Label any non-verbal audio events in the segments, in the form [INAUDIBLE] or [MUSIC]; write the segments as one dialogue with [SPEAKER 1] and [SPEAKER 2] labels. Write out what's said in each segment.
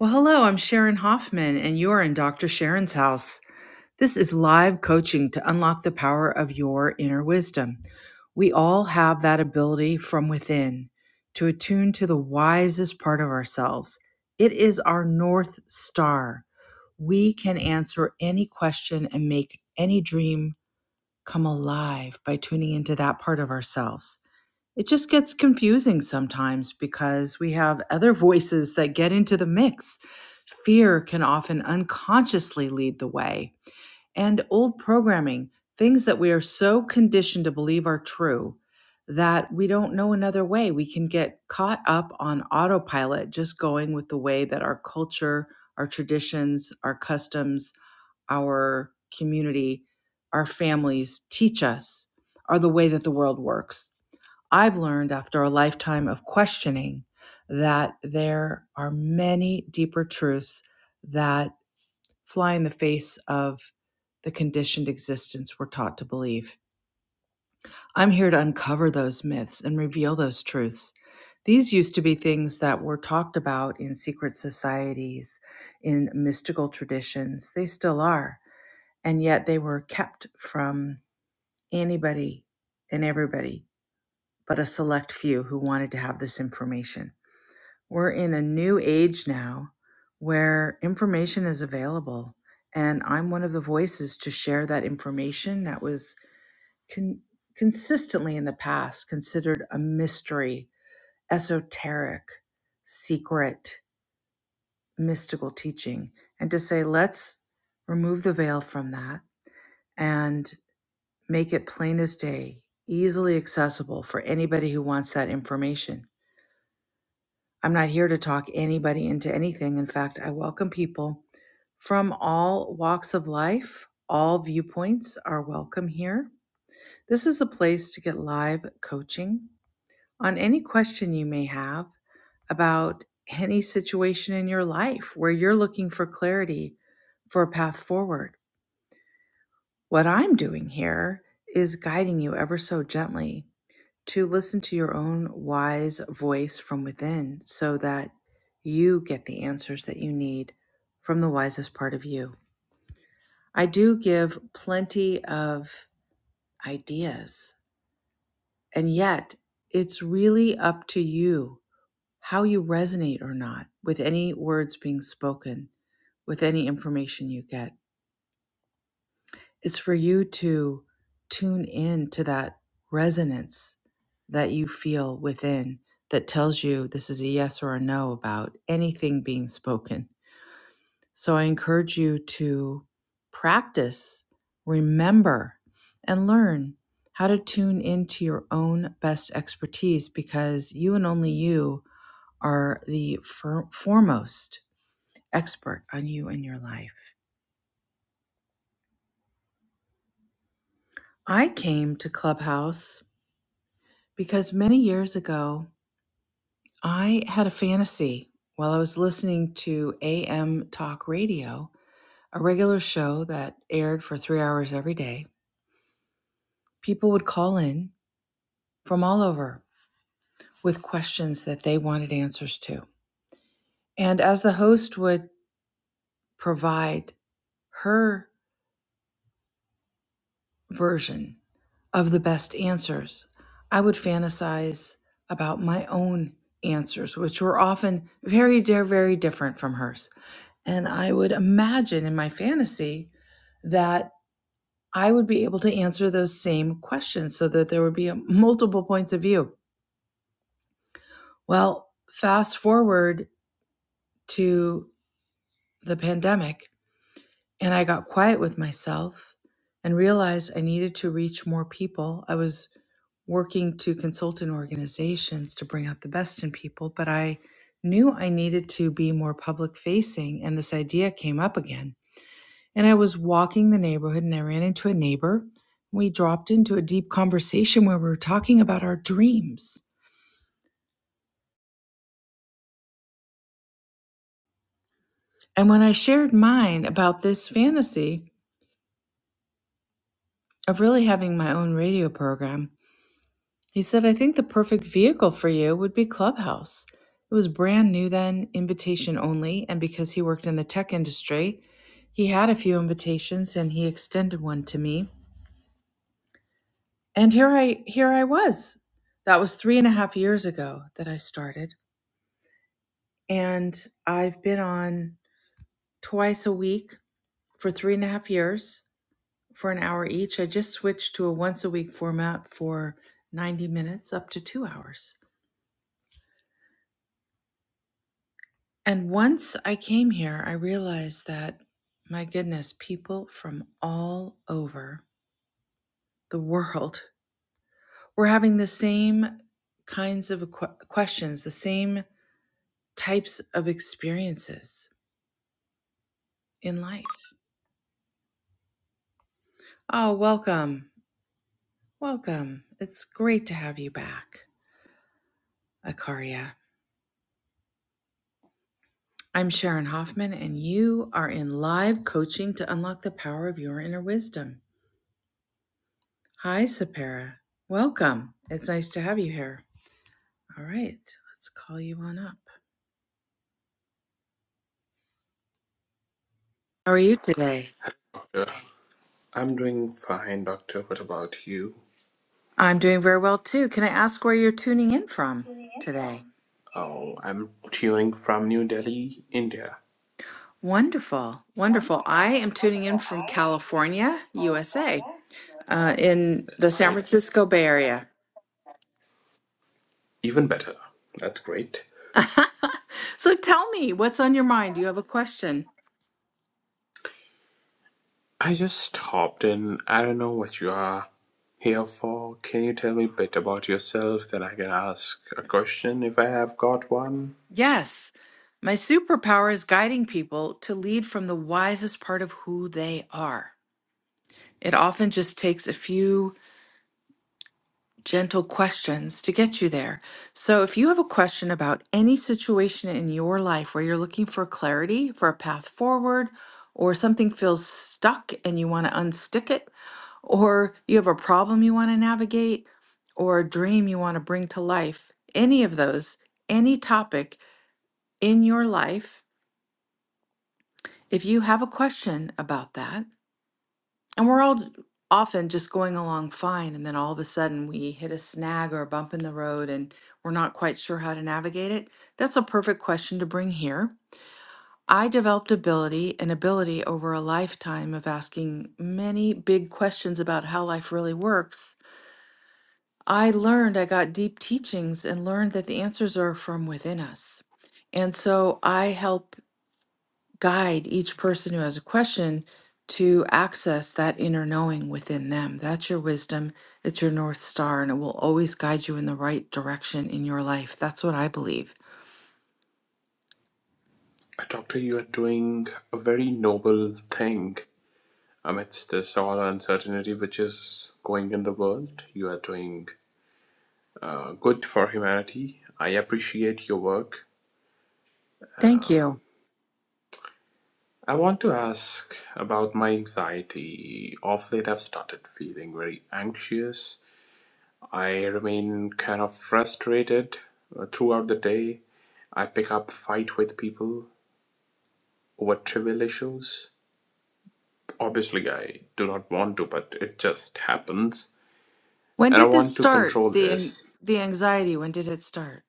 [SPEAKER 1] Well, hello, I'm Sharon Hoffman, and you're in Dr. Sharon's house. This is live coaching to unlock the power of your inner wisdom. We all have that ability from within to attune to the wisest part of ourselves. It is our North Star. We can answer any question and make any dream come alive by tuning into that part of ourselves. It just gets confusing sometimes because we have other [LAUGHS] voices that get into the mix. Fear can often unconsciously lead the way, and old programming, things that we are so conditioned to believe are true that we don't know another way. We can get caught up on autopilot just going with the way that our culture, our traditions, our customs, our community, our families teach us are the way that the world works. I've learned after a lifetime of questioning that there are many deeper truths that fly in the face of the conditioned existence we're taught to believe. I'm here to uncover those myths and reveal those truths. These used to be things that were talked about in secret societies, in mystical traditions. They still are and yet they were kept from anybody and everybody but a select few who wanted to have this information. We're in a new age now where information is available, and I'm one of the voices to share that information that was con- consistently in the past considered a mystery, esoteric, secret, mystical teaching, and to say, let's remove the veil from that. And Make it plain as day, easily accessible for anybody who wants that information. I'm not here to talk anybody into anything. In fact, I welcome people from all walks of life. All viewpoints are welcome here. This is a place to get live coaching on any question you may have about any situation in your life where you're looking for clarity for a path forward. What I'm doing here is guiding you ever so gently to listen to your own wise voice from within so that you get the answers that you need from the wisest part of you. I do give plenty of ideas, and yet it's really up to you how you resonate or not with any words being spoken, with any information you get. It's for you to tune in to that resonance that you feel within that tells you this is a yes or a no about anything being spoken. So I encourage you to practice, remember, and learn how to tune into your own best expertise because you and only you are the fir- foremost expert on you and your life. I came to Clubhouse because many years ago I had a fantasy while I was listening to AM Talk Radio, a regular show that aired for three hours every day. People would call in from all over with questions that they wanted answers to. And as the host would provide her version of the best answers, I would fantasize about my own answers, which were often very, very different from hers. And I would imagine in my fantasy that I would be able to answer those same questions so that there would be a, multiple points of view. Well, fast forward to the pandemic, and I got quiet with myself and realized I needed to reach more people. I was working to consult in organizations to bring out the best in people, but I knew I needed to be more public facing, and this idea came up again and I was walking the neighborhood and I ran into a neighbor. We dropped into a deep conversation where we were talking about our dreams. And when I shared mine about this fantasy of really having my own radio program, he said, I think the perfect vehicle for you would be Clubhouse. It was brand new then, invitation only. And because he worked in the tech industry, he had a few invitations and he extended one to me. And here I here I was. That was three and a half years ago that I started. And I've been on twice a week for three and a half years for an hour each. I just switched to a once a week format for 90 minutes up to two hours. And once I came here, I realized that, my goodness, people from all over the world [LAUGHS] were having the same kinds of que- questions, the same types of experiences in life. Oh, welcome. Welcome. It's great to have you back. Akaria. I'm Sharon Hoffman, and you are in live coaching to unlock the power of your inner wisdom. Hi, Sapara. Welcome. It's nice to have you here. All right, let's call you on up. How are you today?
[SPEAKER 2] Uh, I'm doing fine, doctor. What about you?
[SPEAKER 1] I'm doing very well too. Can I ask where you're tuning in from today?
[SPEAKER 2] Oh, I'm tuning from New Delhi, India.
[SPEAKER 1] Wonderful, wonderful. I am tuning in from California, USA, uh, in
[SPEAKER 2] That's
[SPEAKER 1] the San
[SPEAKER 2] great.
[SPEAKER 1] Francisco Bay Area.
[SPEAKER 2] Even better. That's great.
[SPEAKER 1] [LAUGHS] so tell me what's on your mind. Do you have a question?
[SPEAKER 2] I just stopped in. I don't know what you are here for. Can you tell me a bit about yourself? Then I can ask a question if I have got one.
[SPEAKER 1] Yes, my superpower is guiding people to lead from the wisest part of who they are. It often just takes a few gentle questions to get you there. So, if you have a question about any situation in your life where you're looking for clarity, for a path forward, or something feels stuck and you want to unstick it, or you have a problem you want to navigate, or a dream you want to bring to life, any of those, any topic in your life if you have a question about that, and we're all often just going along fine, and then all of a sudden we hit a snag or a bump in the road and we're not quite sure how to navigate it, that's a perfect question to bring here. I developed ability and ability over a lifetime of asking many big questions about how life really works. I learned, I got deep teachings and learned that the answers are from within us. And so I help guide each person who has a question to access that inner knowing within them. That's your wisdom, it's your North Star, and it will always guide you in the right direction in your life. That's what I believe.
[SPEAKER 2] Uh, Doctor, you are doing a very noble thing amidst this all uncertainty which is going in the world. You are doing uh, good for humanity. I appreciate your work.
[SPEAKER 1] Thank
[SPEAKER 2] Uh,
[SPEAKER 1] you.
[SPEAKER 2] I want to ask about my anxiety. Of late, I've started feeling very anxious. I remain kind of frustrated uh, throughout the day. I pick up fight with people over trivial issues. Obviously, I do not want to, but it just happens.
[SPEAKER 1] When
[SPEAKER 2] And I
[SPEAKER 1] did this
[SPEAKER 2] want to
[SPEAKER 1] start?
[SPEAKER 2] control
[SPEAKER 1] The an-
[SPEAKER 2] this.
[SPEAKER 1] the anxiety, when did it start?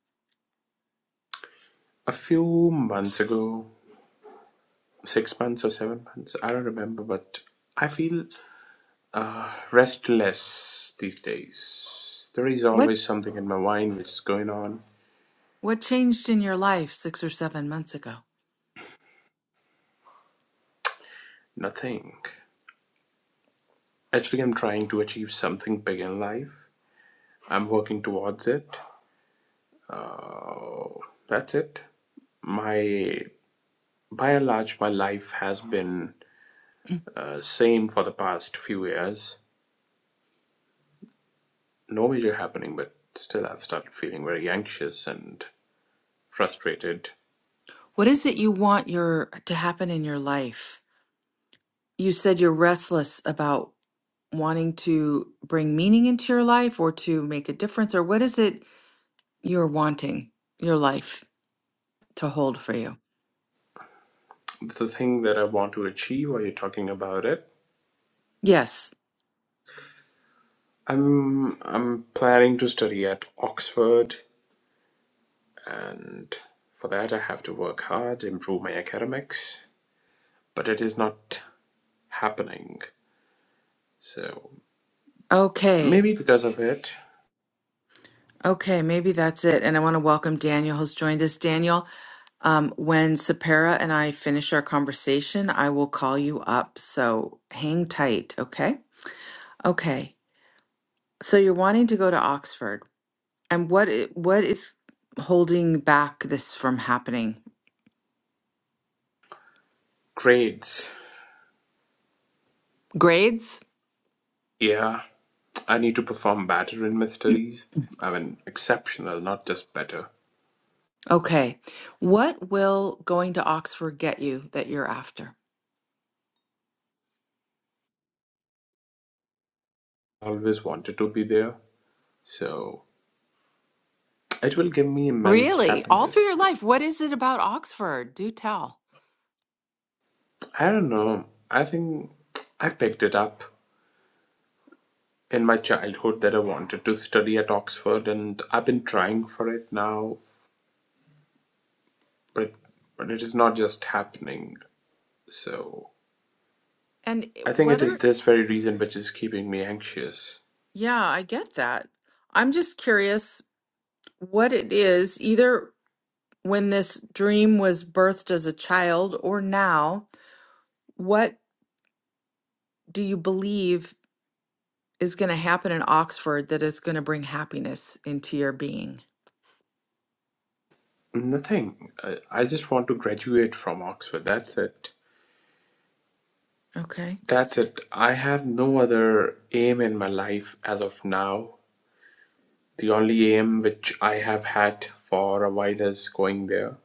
[SPEAKER 2] A few months ago, six months or seven months, I don't remember, but I feel Uh, restless these days. There is
[SPEAKER 1] What
[SPEAKER 2] always something in my mind which is going on.
[SPEAKER 1] what changed in your life 6 or 7 months ago?
[SPEAKER 2] Nothing. Actually, I'm trying to achieve something big in life. I'm working towards it. Uh, that's it. My by and large, my life has been uh, same for the past few years. No major happening, but still, I've started feeling very anxious and frustrated.
[SPEAKER 1] What is it you want your to happen in your life? You said you're restless about wanting to bring meaning into your life or to make a difference or what is it you're wanting your life to hold for you.
[SPEAKER 2] The thing that I want to achieve, are you talking about it?
[SPEAKER 1] Yes.
[SPEAKER 2] I'm I'm planning to study at Oxford, and for that I have to work hard, improve my academics, but it is not happening. So
[SPEAKER 1] Okay.
[SPEAKER 2] maybe because of it,
[SPEAKER 1] Okay. Maybe that's it. And I want to welcome Daniel who's joined us. Daniel, um, when Sapara and I finish our conversation, I will call you up. So hang tight. Okay. Okay. So you're wanting to go to Oxford. And what i- what is holding back this from happening?
[SPEAKER 2] grades.
[SPEAKER 1] Grades?
[SPEAKER 2] Yeah, I need to perform better in my studies. I mean, exceptional, not just better.
[SPEAKER 1] Okay. What will going to Oxford get you that you're after?
[SPEAKER 2] I always wanted to be there, so it will give me immense
[SPEAKER 1] Really? All through
[SPEAKER 2] happiness.
[SPEAKER 1] your life? What is it about Oxford? Do tell.
[SPEAKER 2] I don't know. I think I picked it up in my childhood that I wanted to study at Oxford, and I've been trying for it now, but but it is not just happening. So
[SPEAKER 1] And eh,
[SPEAKER 2] I think it is
[SPEAKER 1] whether,
[SPEAKER 2] this very reason which is keeping me anxious.
[SPEAKER 1] yeah, I get that. I'm just curious what it is, either when this dream was birthed as a child or now, what do you believe is going to happen in Oxford that is going to bring happiness into your being?
[SPEAKER 2] Nothing. I, I just want to graduate from Oxford. That's it.
[SPEAKER 1] Okay.
[SPEAKER 2] That's it. I have no other aim in my life as of now. The only aim which I have had for a while is going there.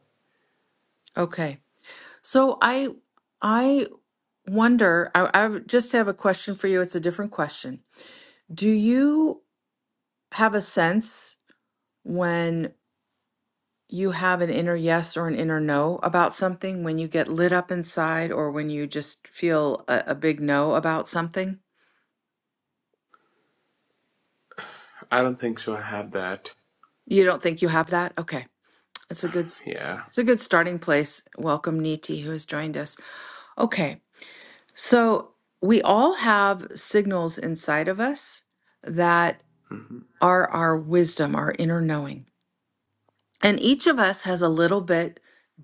[SPEAKER 1] Okay. So I I wonder, I, I just have a question for you. It's a different question. Do you have a sense? when you have an inner yes or an inner no about something, when you get lit up inside or when you just feel a, a big no about something?
[SPEAKER 2] I don't think so. I have that.
[SPEAKER 1] You don't think you have that? Okay. It's a good s-
[SPEAKER 2] Yeah.
[SPEAKER 1] it's a good starting place. Welcome Niti who has joined us. Okay. So we all have signals inside of us that
[SPEAKER 2] hmm
[SPEAKER 1] are our wisdom, our inner knowing. And each of us has a little bit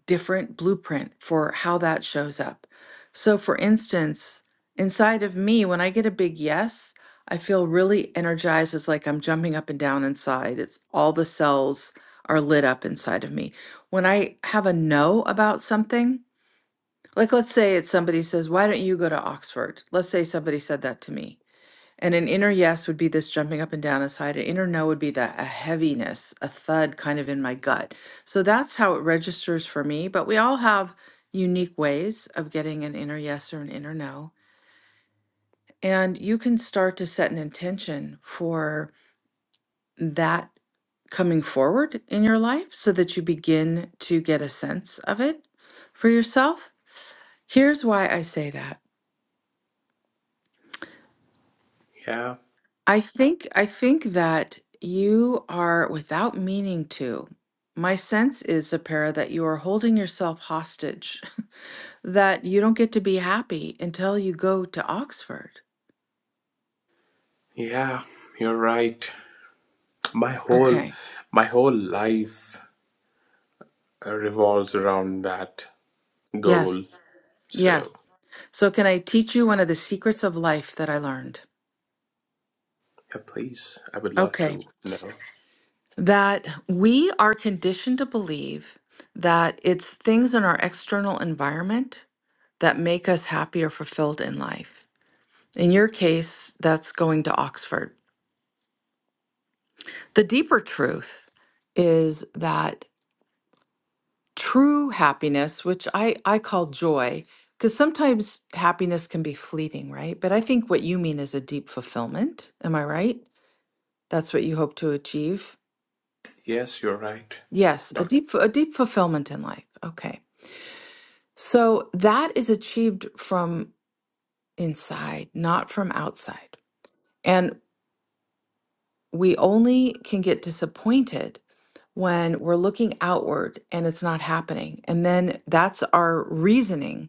[SPEAKER 1] different blueprint for how that shows up. So, for instance, inside of me, when I get a big yes, I feel really energized. It's like I'm jumping up and down inside. It's all the cells are lit up inside of me. When I have a no about something, like let's say it's somebody says, Why don't you go to Oxford? Let's say somebody said that to me. And an inner yes would be this jumping up and down inside. An inner no would be that a heaviness, a thud kind of in my gut. So that's how it registers for me. But we all have unique ways of getting an inner yes or an inner no. And you can start to set an intention for that coming forward in your life so that you begin to get a sense of it for yourself. Here's why I say that.
[SPEAKER 2] Yeah.
[SPEAKER 1] I think I think that you are without meaning to. My sense is, Sapara, that you are holding yourself hostage, [LAUGHS] that you don't get to be happy until you go to Oxford.
[SPEAKER 2] Yeah, you're right. My whole
[SPEAKER 1] Okay.
[SPEAKER 2] my whole life uh, revolves around that goal.
[SPEAKER 1] Yes.
[SPEAKER 2] So,
[SPEAKER 1] Yes. So can I teach you one of the secrets of life that I learned?
[SPEAKER 2] yeah, please, I would love
[SPEAKER 1] Okay.
[SPEAKER 2] to know.
[SPEAKER 1] That we are conditioned to believe that it's things in our external environment that make us happy or fulfilled in life. In your case, that's going to Oxford. The deeper truth is that true happiness, which I, I call joy, because sometimes happiness can be fleeting, right? But I think what you mean is a deep fulfillment. Am I right? That's what you hope to achieve.
[SPEAKER 2] Yes, you're right,
[SPEAKER 1] Yes, a
[SPEAKER 2] doctor.
[SPEAKER 1] deep a deep fulfillment in life. Okay. So that is achieved from inside, not from outside. And we only can get disappointed when we're looking outward and it's not happening. And then that's our reasoning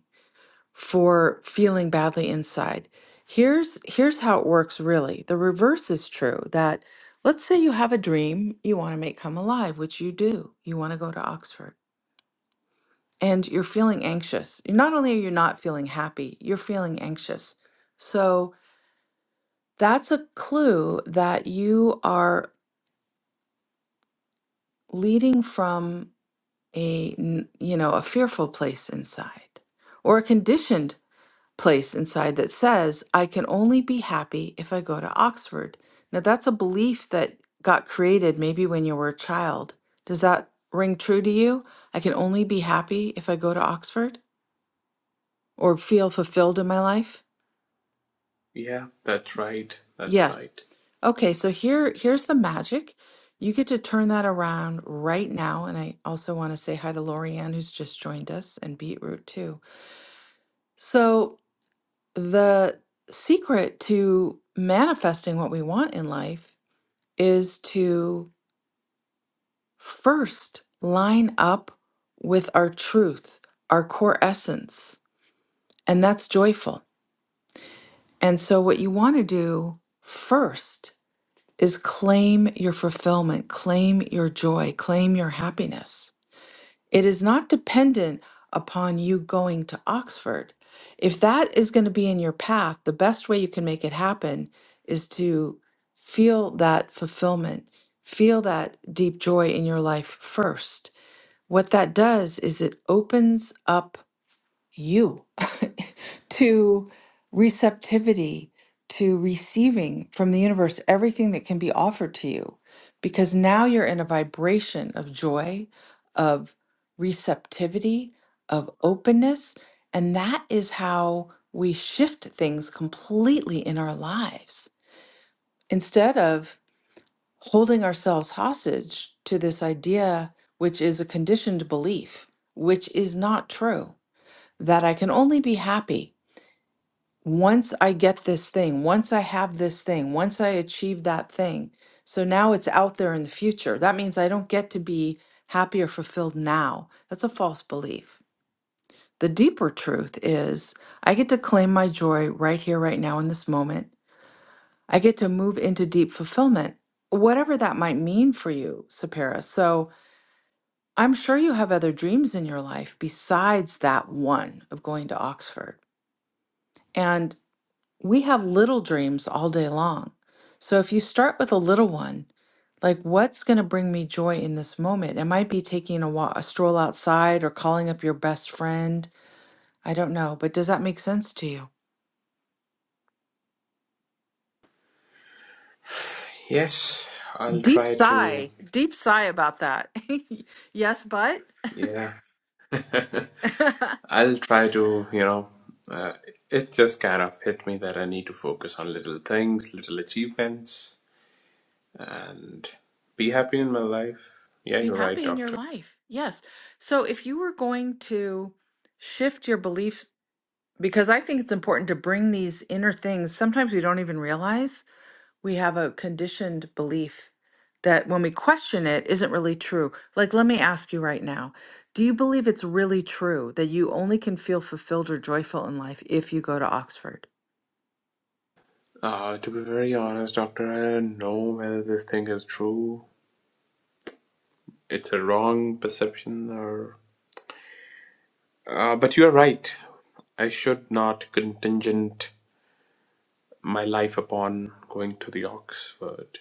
[SPEAKER 1] for feeling badly inside. Here's here's how it works really. The reverse is true that let's say you have a dream you want to make come alive, which you do. You want to go to Oxford and you're feeling anxious. Not only are you not feeling happy, you're feeling anxious. So that's a clue that you are leading from a n- you know a fearful place inside or a conditioned place inside that says i can only be happy if i go to oxford now that's a belief that got created maybe when you were a child does that ring true to you i can only be happy if i go to oxford or feel fulfilled in my life
[SPEAKER 2] Yeah, that's right. That's
[SPEAKER 1] yes
[SPEAKER 2] right.
[SPEAKER 1] okay so here here's the magic you get to turn that around right now and i also want to say hi to lorianne who's just joined us and beetroot too so the secret to manifesting what we want in life is to first line up with our truth, our core essence, and that's joyful. And so, what you want to do first is claim your fulfillment, claim your joy, claim your happiness. It is not dependent upon you going to Oxford. If that is going to be in your path, the best way you can make it happen is to feel that fulfillment, feel that deep joy in your life first. What that does is it opens up you [LAUGHS] to receptivity, to receiving from the universe everything that can be offered to you. Because now you're in a vibration of joy, of receptivity, of openness. And that is how we shift things completely in our lives. Instead of holding ourselves hostage to this idea, which is a conditioned belief, which is not true, that I can only be happy once I get this thing, once I have this thing, once I achieve that thing. So now it's out there in the future. That means I don't get to be happy or fulfilled now. That's a false belief. The deeper truth is I get to claim my joy right here, right now, in this moment. I get to move into deep fulfillment, whatever that might mean for you, Sapara. So I'm sure you have other dreams in your life besides that one of going to Oxford. And we have little dreams all day long. So if you start with a little one, like what's going to bring me joy in this moment? It might be taking a walk, a stroll outside or calling up your best friend. I don't know, but does that make sense to you?
[SPEAKER 2] Yes, I'll
[SPEAKER 1] Deep
[SPEAKER 2] try to.
[SPEAKER 1] sigh, deep sigh about that. [LAUGHS] yes, but
[SPEAKER 2] Yeah, [LAUGHS]
[SPEAKER 1] [LAUGHS]
[SPEAKER 2] I'll try to, you know, uh, it just kind of hit me that I need to focus on little things, little achievements, and be happy in my life. Yeah,
[SPEAKER 1] be
[SPEAKER 2] you're right,
[SPEAKER 1] happy in your
[SPEAKER 2] doctor.
[SPEAKER 1] life. Yes. So if you were going to shift your beliefs because I think it's important to bring these inner things, sometimes we don't even realize we have a conditioned belief that when we question it isn't really true. Like, let me ask you right now do you believe it's really true that you only can feel fulfilled or joyful in life if you go to Oxford?
[SPEAKER 2] Uh, to be very honest, Doctor, I don't know whether this thing is true. It's a wrong perception, or. Uh, but you are right. I should not contingent my life upon going to the Oxford.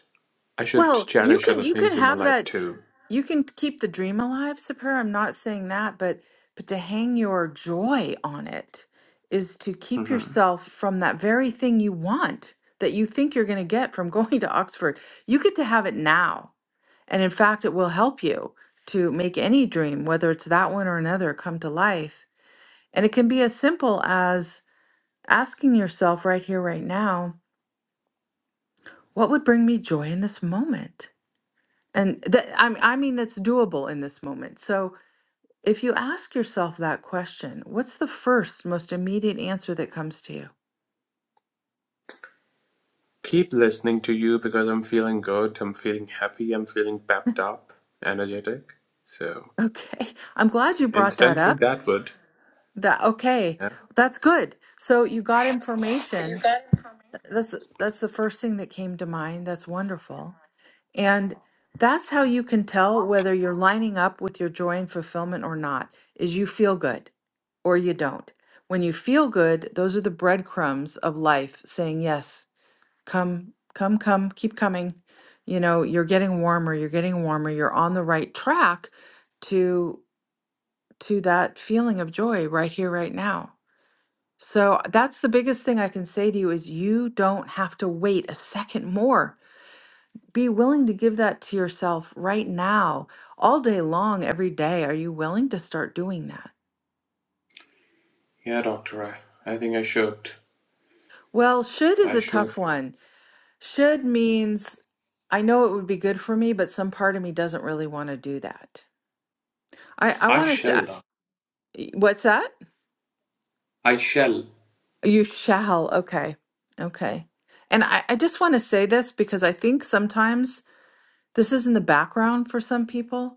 [SPEAKER 2] I should
[SPEAKER 1] Well, you
[SPEAKER 2] cherish
[SPEAKER 1] can
[SPEAKER 2] other
[SPEAKER 1] you can
[SPEAKER 2] things in my
[SPEAKER 1] have
[SPEAKER 2] life
[SPEAKER 1] that
[SPEAKER 2] too.
[SPEAKER 1] you can keep the dream alive, Sapir. I'm not saying that, but but to hang your joy on it is to keep yourself from that very thing you want that you think you're going to get from [LAUGHS] going to Oxford. You get to have it now. And in fact, it will help you to make any dream, whether it's that one or another, come to life. And it can be as simple as asking yourself right here, right now, what would bring me joy in this moment? And that I m- I mean, that's doable in this moment. So if you ask yourself that question, what's the first, most immediate answer that comes to you?
[SPEAKER 2] Keep listening to you because I'm feeling good, I'm feeling happy, I'm feeling pepped up, energetic. So,
[SPEAKER 1] Okay, [LAUGHS] I'm glad you brought that
[SPEAKER 2] instantly
[SPEAKER 1] up.
[SPEAKER 2] that would.
[SPEAKER 1] That okay,
[SPEAKER 2] Yeah.
[SPEAKER 1] that's good. So you got information That's that's the first thing that came to mind. That's wonderful. And that's how you can tell whether you're lining up with your joy and fulfillment or not, is you feel good or you don't. When you feel good, those are the breadcrumbs of life saying, yes, come, come, come, keep coming. You know, you're getting warmer, you're getting warmer, you're on the right track to to that feeling of joy right here, right now. So that's the biggest thing I can say to you is you don't have to wait a second more. Be willing to give that to yourself right now, all day long, every day. Are you willing to start doing that?
[SPEAKER 2] Yeah, Doctor, I, I think I should.
[SPEAKER 1] Well, should is
[SPEAKER 2] I
[SPEAKER 1] a
[SPEAKER 2] should.
[SPEAKER 1] tough one. Should means I know it would be good for me, but some part of me doesn't really want to do that. I, I
[SPEAKER 2] I
[SPEAKER 1] want to,
[SPEAKER 2] shall, Doc.
[SPEAKER 1] what's that?
[SPEAKER 2] I shall.
[SPEAKER 1] You shall. Okay. Okay. And I, I just want to say this because I think sometimes this is in the background for some people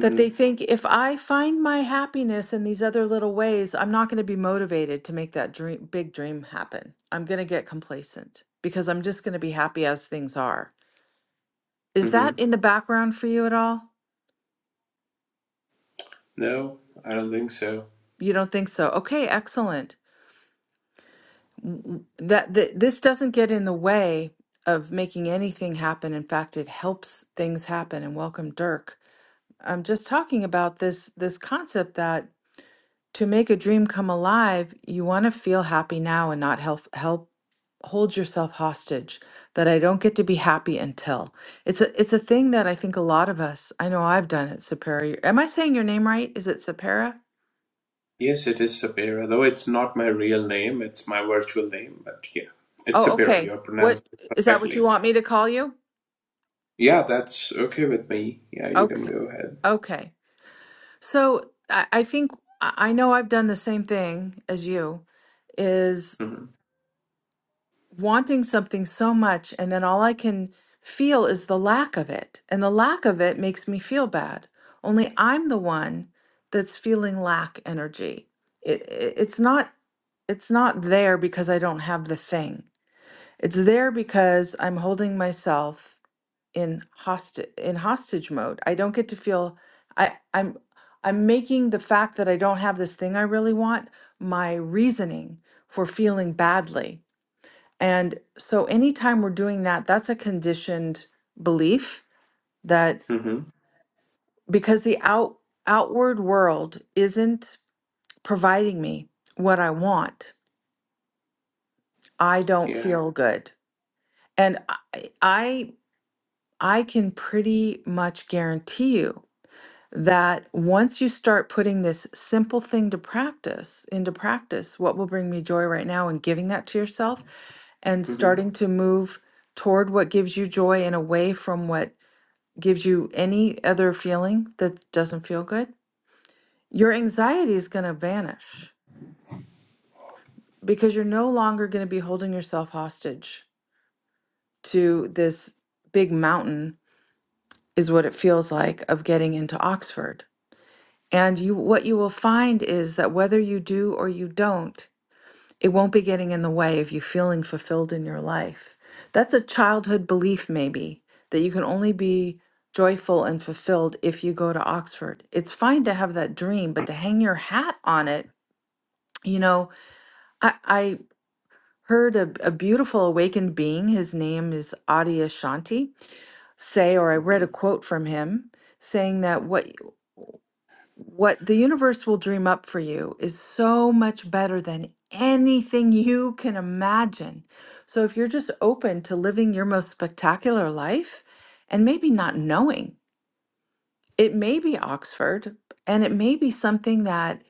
[SPEAKER 1] that they think if I find my happiness in these other little ways, I'm not going to be motivated to make that dream, big dream happen. I'm going to get complacent because I'm just going to be happy as things are. Is
[SPEAKER 2] Mm-hmm.
[SPEAKER 1] that in the background for you at all?
[SPEAKER 2] No, I don't think so.
[SPEAKER 1] You don't think so? Okay, excellent. W- That, that this doesn't get in the way of making anything happen. In fact, it helps things happen. And welcome, Dirk. I'm just talking about this this concept that to make a dream come alive, you want to feel happy now and not help help hold yourself hostage that I don't get to be happy until. It's a it's a thing that I think a lot of us, I know I've done it, Sapara. Am I saying your name right? Is it Sapara?
[SPEAKER 2] Yes, it is Sapira, though it's not my real name, it's my virtual name, but yeah, it's
[SPEAKER 1] Oh,
[SPEAKER 2] Sapira.
[SPEAKER 1] okay.
[SPEAKER 2] You're
[SPEAKER 1] What
[SPEAKER 2] pronouncing it
[SPEAKER 1] is that what you
[SPEAKER 2] perfectly.
[SPEAKER 1] want me to call you?
[SPEAKER 2] Yeah, that's okay with me. Yeah, you can
[SPEAKER 1] Okay.
[SPEAKER 2] go ahead.
[SPEAKER 1] Okay. So I, I think I I know I've done the same thing as you, is
[SPEAKER 2] Mm-hmm.
[SPEAKER 1] wanting something so much and then all I can feel is the lack of it. And the lack of it makes me feel bad. Only I'm the one that's feeling lack energy. It, it- it's not it's not there because I don't have the thing. It's there because I'm holding myself in hostage in hostage mode. I don't get to feel I I'm I'm making the fact that I don't have this thing I really want my reasoning for feeling badly and so anytime we're doing that, that's a conditioned belief that
[SPEAKER 2] Mm-hmm.
[SPEAKER 1] because the out outward world isn't providing me what I want, I don't
[SPEAKER 2] Yeah.
[SPEAKER 1] feel good. And I I, I can pretty much guarantee you that once you start putting this simple thing to practice into practice, what will bring me joy right now and giving that to yourself and
[SPEAKER 2] Mm-hmm.
[SPEAKER 1] starting to move toward what gives you joy and away from what gives you any other feeling that doesn't feel good, your anxiety is going to vanish because you're no longer going to be holding yourself hostage to this big mountain is what it feels like of getting into Oxford. And you what you will find is that whether you do or you don't, It won't be getting in the way of you feeling fulfilled in your life. That's a childhood belief, maybe, that you can only be joyful and fulfilled if you go to Oxford. It's fine to have that dream, but to hang your hat on it, you know, I, I heard a, a beautiful awakened being, his name is Adi Ashanti, say, or I read
[SPEAKER 2] Mm-hmm.
[SPEAKER 1] a quote from him saying that what what the universe will dream up for you is so much better than anything you can imagine. So if you're just open to living your most spectacular life and maybe not knowing, it may be Oxford and it may be something that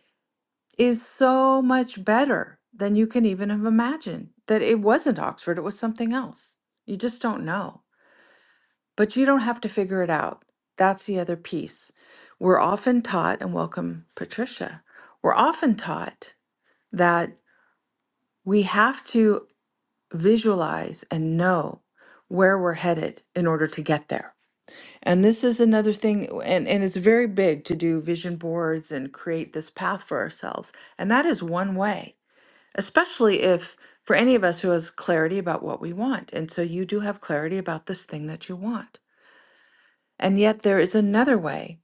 [SPEAKER 1] is so much better than you can even have imagined that it wasn't Oxford, it was something else. You just don't know. But you don't have to figure it out. That's the other piece. We're often taught, and welcome, Patricia, we're often taught that we have to visualize and know where we're headed in order to get there. And this is another thing, and, and it's very big to do vision boards and create this path for ourselves. And that is one way, especially if for any of us who has clarity about what we want. And so you do have clarity about this thing that you want. And yet there is another way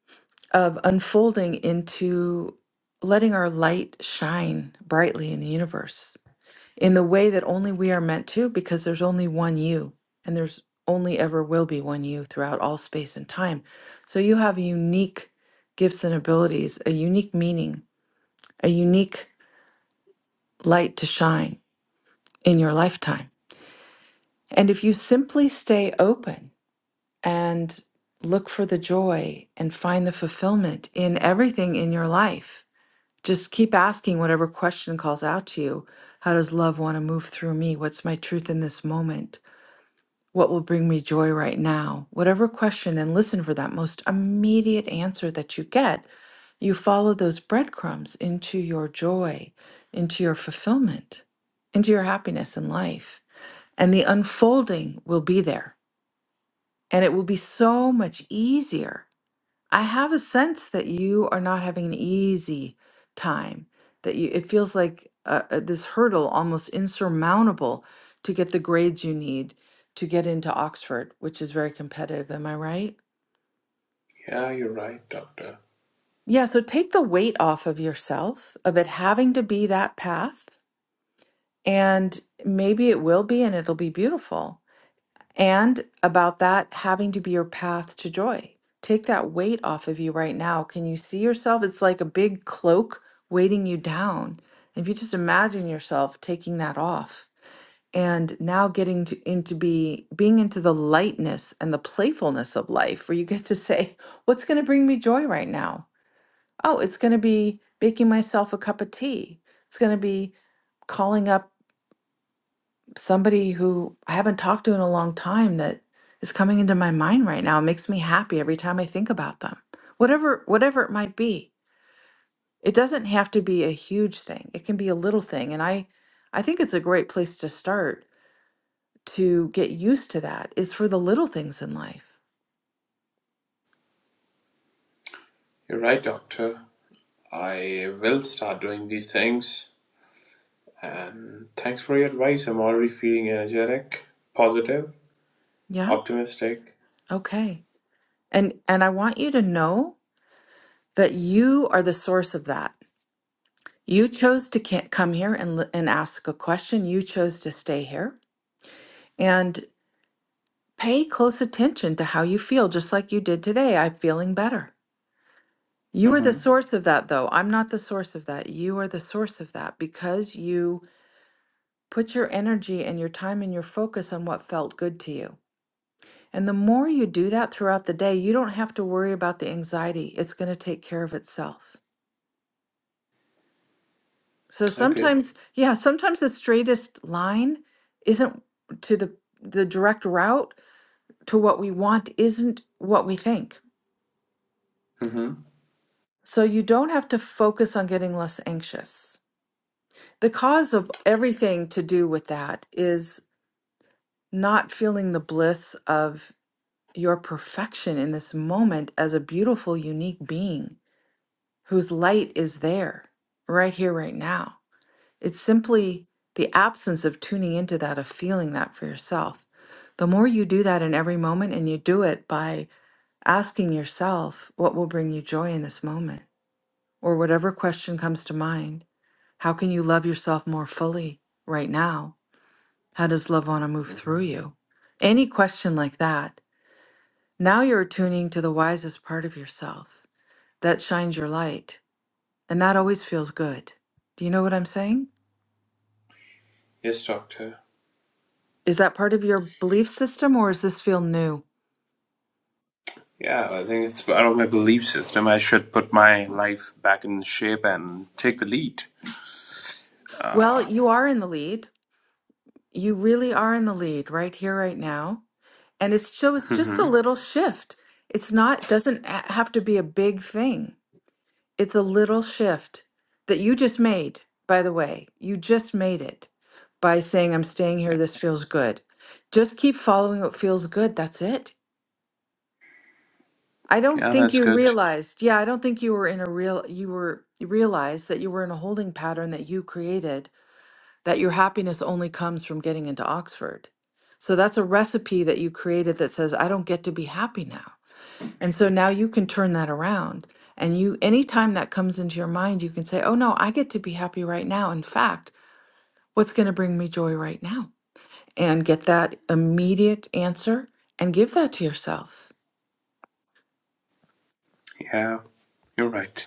[SPEAKER 1] of unfolding into letting our light shine brightly in the universe in the way that only we are meant to, because there's only one you, and there's only ever will be one you throughout all space and time. So you have unique gifts and abilities, a unique meaning, a unique light to shine in your lifetime. And if you simply stay open and look for the joy and find the fulfillment in everything in your life, Just keep asking whatever question calls out to you. How does love want to move through me? What's my truth in this moment? What will bring me joy right now? Whatever question, and listen for that most immediate answer that you get. You follow those breadcrumbs into your joy, into your fulfillment, into your happiness in life. And the unfolding will be there. And it will be so much easier I have a sense that you are not having an easy time, that you it feels like uh, uh, this hurdle almost insurmountable to get the grades you need to get into Oxford, which is very competitive. Am I right?
[SPEAKER 2] Yeah, you're right, Doctor.
[SPEAKER 1] Yeah, so take the weight off of yourself of it having to be that path, and maybe it will be and it'll be beautiful. and about that having to be your path to joy. Take that weight off of you right now. Can you see yourself? It's like a big cloak weighting you down. If you just imagine yourself taking that off and now getting to, into be being into the lightness and the playfulness of life where you get to say [LAUGHS] what's going to bring me joy right now oh it's going to be baking myself a cup of tea it's going to be calling up somebody who I haven't talked to in a long time that is coming into my mind right now. It makes me happy every time I think about them. Whatever whatever it might be. It doesn't have to be a huge thing. It can be a little thing. And I I think it's a great place to start to get used to that is for the little things in life.
[SPEAKER 2] You're right, Doctor. I will start doing these things. And thanks for your advice. I'm already feeling energetic, positive,
[SPEAKER 1] Yeah.
[SPEAKER 2] optimistic.
[SPEAKER 1] Okay. And and I want you to know that you are the source of that. You chose to ca- come here and li- and ask a question. You chose to stay here. And Pay close attention to how you feel, just like you did today. I'm feeling better. You are the
[SPEAKER 2] Mm-hmm.
[SPEAKER 1] source of that, though. I'm not the source of that. You are the source of that because you put your energy and your time and your focus on what felt good to you. And the more you do that throughout the day, you don't have to worry about the anxiety. It's going to take care of itself. So
[SPEAKER 2] Okay.
[SPEAKER 1] sometimes, yeah, sometimes the straightest line isn't to the the direct route to what we want isn't what we think
[SPEAKER 2] Mm-hmm.
[SPEAKER 1] So you don't have to focus on getting less anxious. The cause of everything to do with that is not feeling the bliss of your perfection in this moment as a beautiful, unique being whose light is there right here, right now. It's simply the absence of tuning into that, of feeling that for yourself. The more you do that in every moment, and you do it by asking yourself, what will bring you joy in this moment? or whatever question comes to mind. How can you love yourself more fully right now? How does love want to move through you? Any question like that. Now you're attuning to the wisest part of yourself that shines your light, and that always feels good. Do you know what I'm saying?
[SPEAKER 2] Yes, Doctor.
[SPEAKER 1] Is that part of your belief system or does this feel new?
[SPEAKER 2] Yeah, I think it's part of my belief system. I should put my life back in shape and take the lead.
[SPEAKER 1] Well,
[SPEAKER 2] Uh,
[SPEAKER 1] you are in the lead. You really are in the lead right here, right now. And it's so it's just a
[SPEAKER 2] hmm
[SPEAKER 1] little shift. It's not doesn't a- have to be a big thing. It's a little shift that you just made, by the way. You just made it by saying, I'm staying here.
[SPEAKER 2] yeah,
[SPEAKER 1] This feels good. Just keep following what feels good. That's it. I don't
[SPEAKER 2] yeah,
[SPEAKER 1] think
[SPEAKER 2] that's
[SPEAKER 1] you
[SPEAKER 2] good.
[SPEAKER 1] realized. Yeah, I don't think you were in a real, you were, you realized that you were in a holding pattern that you created, that your happiness only comes from getting into Oxford. So that's a recipe that you created that says, I don't get to be happy now. And so now you can turn that around. And you, anytime that comes into your mind, you can say, oh no, I get to be happy right now. In fact, what's going to bring me joy right now? And get that immediate answer and give that to yourself.
[SPEAKER 2] Yeah, you're right.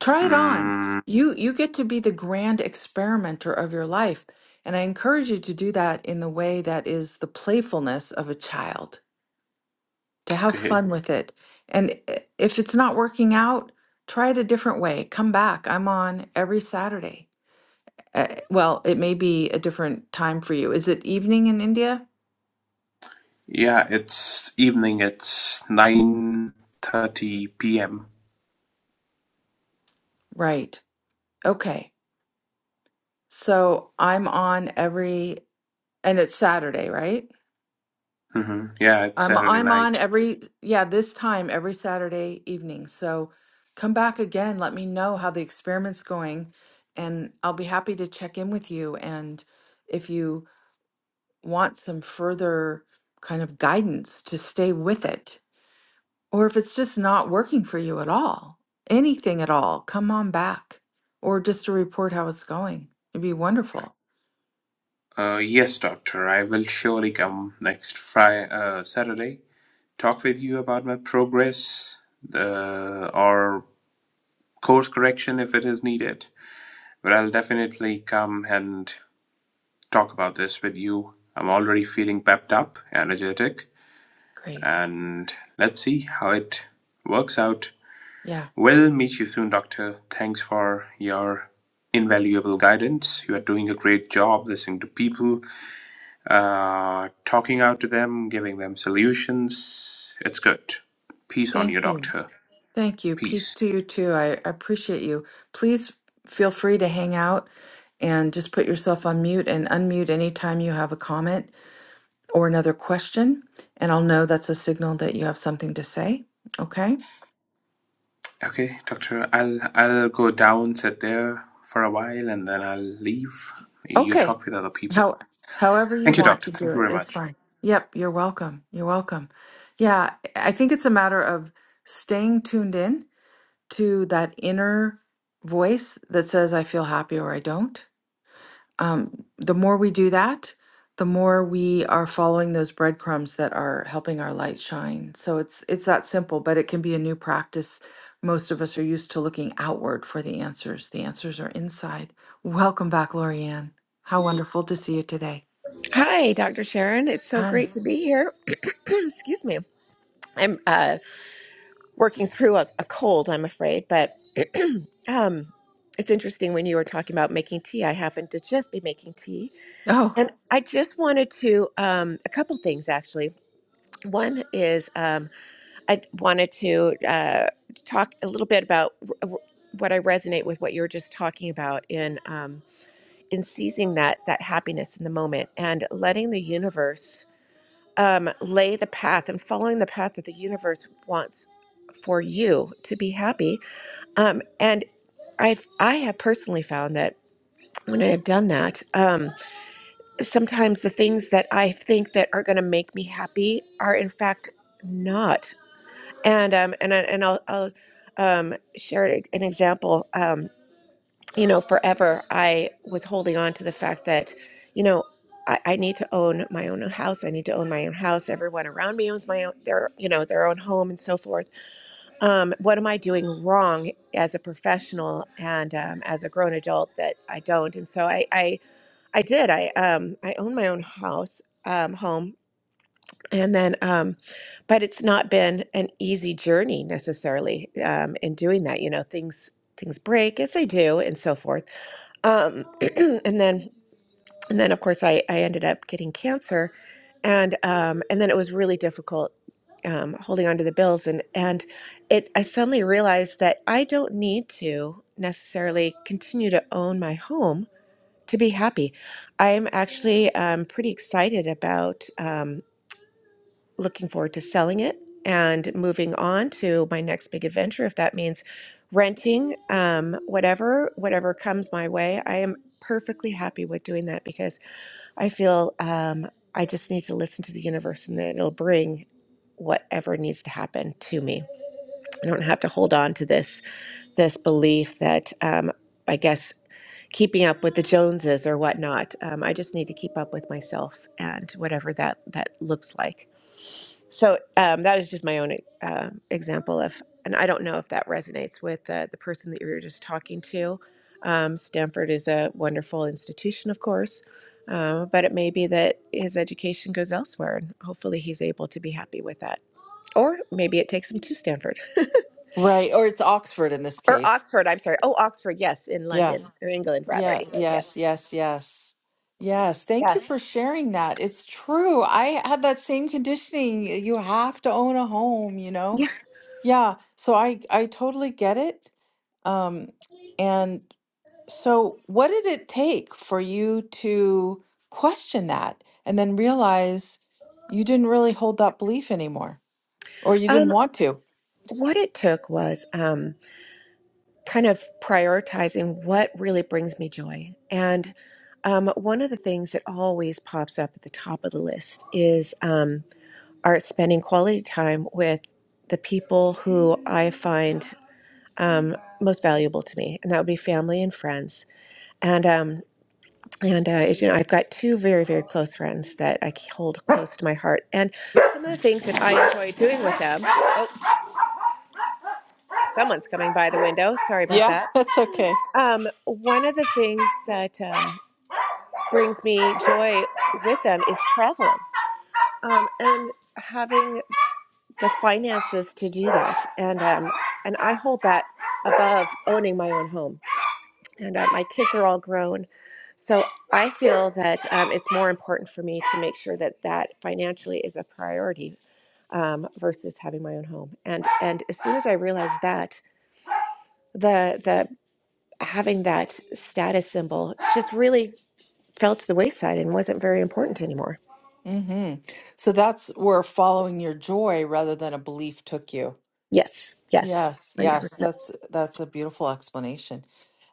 [SPEAKER 1] Try it on.
[SPEAKER 2] Mm,
[SPEAKER 1] You, you get to be the grand experimenter of your life. And I encourage you to do that in the way that is the playfulness of a child, to have
[SPEAKER 2] okay.
[SPEAKER 1] fun with it. And i- if it's not working out, try it a different way. Come back. I'm on every Saturday Uh, well, it may be a different time for you. Is it evening in India?
[SPEAKER 2] Yeah, it's evening. It's nine thirty p.m.
[SPEAKER 1] Right. Okay. So I'm on every, and it's Saturday, right?
[SPEAKER 2] hmm Yeah, it's
[SPEAKER 1] I'm
[SPEAKER 2] Saturday
[SPEAKER 1] I'm on
[SPEAKER 2] night.
[SPEAKER 1] every, yeah, this time every Saturday evening. So come back again. Let me know how the experiment's going, and I'll be happy to check in with you. And if you want some further kind of guidance to stay with it, Or if it's just not working for you at all, anything at all, come on back or just to report how it's going. It'd be wonderful.
[SPEAKER 2] Uh, yes, doctor. I will surely come next Friday, uh, Saturday. Talk with you about my progress, uh, or course correction if it is needed. Well, I'll definitely come and talk about this with you. I'm already feeling pepped up, energetic,
[SPEAKER 1] Great.
[SPEAKER 2] and let's see how it works out.
[SPEAKER 1] Yeah.
[SPEAKER 2] We'll meet you soon, Doctor. Thanks for your invaluable guidance. You are doing a great job listening to people, uh, talking out to them, giving them solutions. It's good. Peace on
[SPEAKER 1] Thank
[SPEAKER 2] you,
[SPEAKER 1] you.
[SPEAKER 2] Doctor.
[SPEAKER 1] Thank you. Peace
[SPEAKER 2] Peace.
[SPEAKER 1] to you too. I, I appreciate you. Please feel free to hang out and just put yourself on mute and unmute anytime you have a comment or another question. And I'll know that's a signal that you have something to say. Okay.
[SPEAKER 2] Okay, doctor, I'll I'll go down, sit there for a while, and then I'll leave. You
[SPEAKER 1] Okay.
[SPEAKER 2] talk with other people.
[SPEAKER 1] How, however you
[SPEAKER 2] Thank you,
[SPEAKER 1] want
[SPEAKER 2] doctor.
[SPEAKER 1] to do
[SPEAKER 2] Thank you
[SPEAKER 1] it,
[SPEAKER 2] very
[SPEAKER 1] it's
[SPEAKER 2] much.
[SPEAKER 1] fine. Yep, you're welcome. You're welcome. Yeah, I think it's a matter of staying tuned in to that inner voice that says, I feel happy or I don't. Um, the more we do that, the more we are following those breadcrumbs that are helping our light shine. So it's it's that simple, but it can be a new practice. Most of us are used to looking outward for the answers. The answers are inside. Welcome back, Lorianne. How wonderful to see you today.
[SPEAKER 3] Hi, Dr. Sharon. It's so
[SPEAKER 1] Hi.
[SPEAKER 3] great to be here. [CLEARS THROAT] Excuse me. I'm uh, working through a, a cold, I'm afraid, but [CLEARS THROAT] um, it's interesting when you were talking about making tea. I happen to just be making tea.
[SPEAKER 1] Oh,
[SPEAKER 3] And I just wanted to, um, a couple things actually. One is um, I wanted to uh, talk a little bit about w- w- what I resonate with what you were just talking about in um, in seizing that that happiness in the moment and letting the universe um, lay the path and following the path that the universe wants for you to be happy. Um, and I've I have personally found that when I have done that, um, sometimes the things that I think that are going to make me happy are in fact not. And um, and I, and I'll, I'll um, share an example. Um, you know, forever I was holding on to the fact that, you know, I, I need to own my own house. I need to own my own house. Everyone around me owns my own their you know, their own home and so forth. Um, what am I doing wrong as a professional and um, as a grown adult that I don't? And so I I, I did. I um I own my own house, um, home. And then um but it's not been an easy journey necessarily um in doing that. You know, things things break as they do and so forth um, [CLEARS THROAT] and then and then of course I, I ended up getting cancer and um, and then it was really difficult um, holding on to the bills and and it I suddenly realized that I don't need to necessarily continue to own my home to be happy. I'm actually um, pretty excited about. um looking forward to selling it and moving on to my next big adventure if that means renting um, whatever whatever comes my way i am perfectly happy with doing that because i feel um, i just need to listen to the universe and then it'll bring whatever needs to happen to me i don't have to hold on to this this belief that um, i guess keeping up with the joneses or whatnot um, i just need to keep up with myself and whatever that that looks like so um, that is just my own uh, example of, and I don't know if that resonates with uh, the person that you were just talking to. Um, Stanford is a wonderful institution, of course, uh, but it may be that his education goes elsewhere, and hopefully he's able to be happy with that. Or maybe it takes him to Stanford [LAUGHS]
[SPEAKER 1] Right. Or it's Oxford in this
[SPEAKER 3] or
[SPEAKER 1] case.
[SPEAKER 3] Oxford. I'm sorry. Oh, Oxford, yes, in
[SPEAKER 1] Yeah.
[SPEAKER 3] London or England, rather
[SPEAKER 1] Yeah.
[SPEAKER 3] England, yes,
[SPEAKER 1] Yes. Yes. Yes. Yes. Thank you
[SPEAKER 3] yes,
[SPEAKER 1] for sharing that. It's true. I had that same conditioning. You have to own a home, you know?
[SPEAKER 3] yeah.
[SPEAKER 1] Yeah. So I I totally get it. Um, and so what did it take for you to question that and then realize you didn't really hold that belief anymore or you didn't
[SPEAKER 3] Um,
[SPEAKER 1] want to?
[SPEAKER 3] what it took was. Um, kind of prioritizing what really brings me joy. And um, one of the things that always pops up at the top of the list is um, are spending quality time with the people who I find um, most valuable to me, and that would be family and friends. And um, and uh, as you know, I've got two very very close friends that I hold close to my heart, and some of the things that I enjoy doing with them. Oh, someone's coming by the window. Sorry about
[SPEAKER 1] Yeah,
[SPEAKER 3] that
[SPEAKER 1] [LAUGHS] that's okay.
[SPEAKER 3] Um, one of the things that um, brings me joy with them is traveling um, and having the finances to do that. And um, and I hold that above owning my own home. And uh, my kids are all grown, so I feel that um, it's more important for me to make sure that that financially is a priority um, versus having my own home. And and as soon as I realized that, the the having that status symbol just really fell to the wayside and wasn't very important anymore.
[SPEAKER 1] hmm So that's where following your joy rather than a belief took you.
[SPEAKER 3] Yes, yes,
[SPEAKER 1] Yes,
[SPEAKER 3] 100%.
[SPEAKER 1] yes, that's that's a beautiful explanation.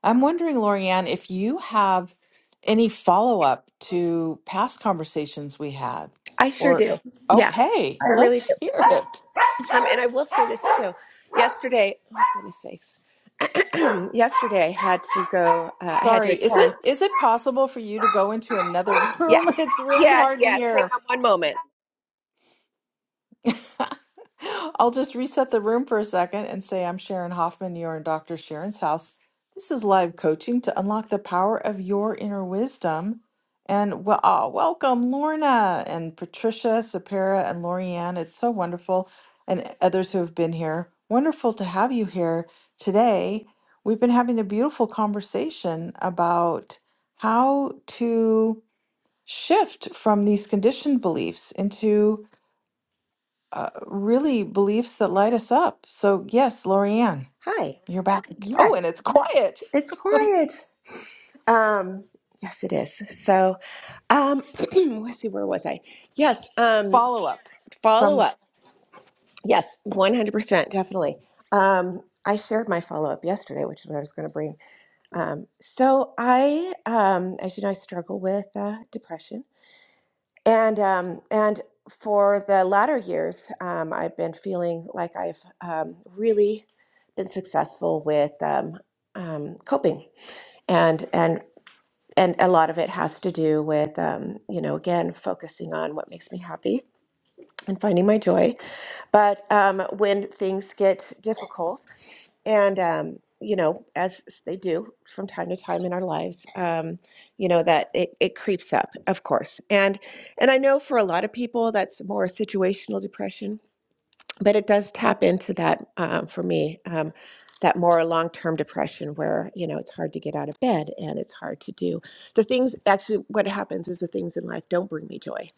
[SPEAKER 1] I'm wondering, Lorianne, if you have any follow-up to past conversations we had,
[SPEAKER 3] I sure
[SPEAKER 1] or
[SPEAKER 3] do. Yeah,
[SPEAKER 1] okay,
[SPEAKER 3] I really do.
[SPEAKER 1] let's hear
[SPEAKER 3] Yeah.
[SPEAKER 1] it.
[SPEAKER 3] Um, and I will say this too. Yesterday, oh, goodness sakes. [CLEARS THROAT] Yesterday, I had to go, uh, I had to
[SPEAKER 1] Sorry, is
[SPEAKER 3] attend.
[SPEAKER 1] it is it possible for you to go into another [LAUGHS] room?
[SPEAKER 3] Yes,
[SPEAKER 1] It's really
[SPEAKER 3] yes,
[SPEAKER 1] hard to
[SPEAKER 3] yes. Hang
[SPEAKER 1] hear.
[SPEAKER 3] on one moment.
[SPEAKER 1] [LAUGHS] I'll just reset the room for a second and say I'm Sharon Hoffman. You're in Dr. Sharon's house. This is live coaching to unlock the power of your inner wisdom. And well, ah, welcome Lorna and Patricia, Sapara, and Lorianne. It's so wonderful, and others who have been here. Wonderful to have you here today. We've been having a beautiful conversation about how to shift from these conditioned beliefs into uh, really beliefs that light us up. So, yes, Lorianne,
[SPEAKER 3] Hi.
[SPEAKER 1] you're back. Oh, and
[SPEAKER 3] Yes,
[SPEAKER 1] it's quiet.
[SPEAKER 3] it's quiet. Um, yes, it is. So, um, [CLEARS THROAT] let's see, where was I? Yes, um,
[SPEAKER 1] Follow up
[SPEAKER 3] follow
[SPEAKER 1] from
[SPEAKER 3] up. Yes, 100%, definitely. Um, I shared my follow-up yesterday, which is what I was going to bring. Um, so I, um, as you know, I struggle with uh, depression, and um, and for the latter years, um, I've been feeling like I've um, really been successful with um, um, coping, and and and a lot of it has to do with um, you know again focusing on what makes me happy and finding my joy. But um, when things get difficult and um, you know, as they do from time to time in our lives, um, you know that it, it creeps up, of course. And and I know for a lot of people that's more situational depression, but it does tap into that um, for me, um, that more long-term depression where you know it's hard to get out of bed and it's hard to do the things. Actually, what happens is the things in life don't bring me joy,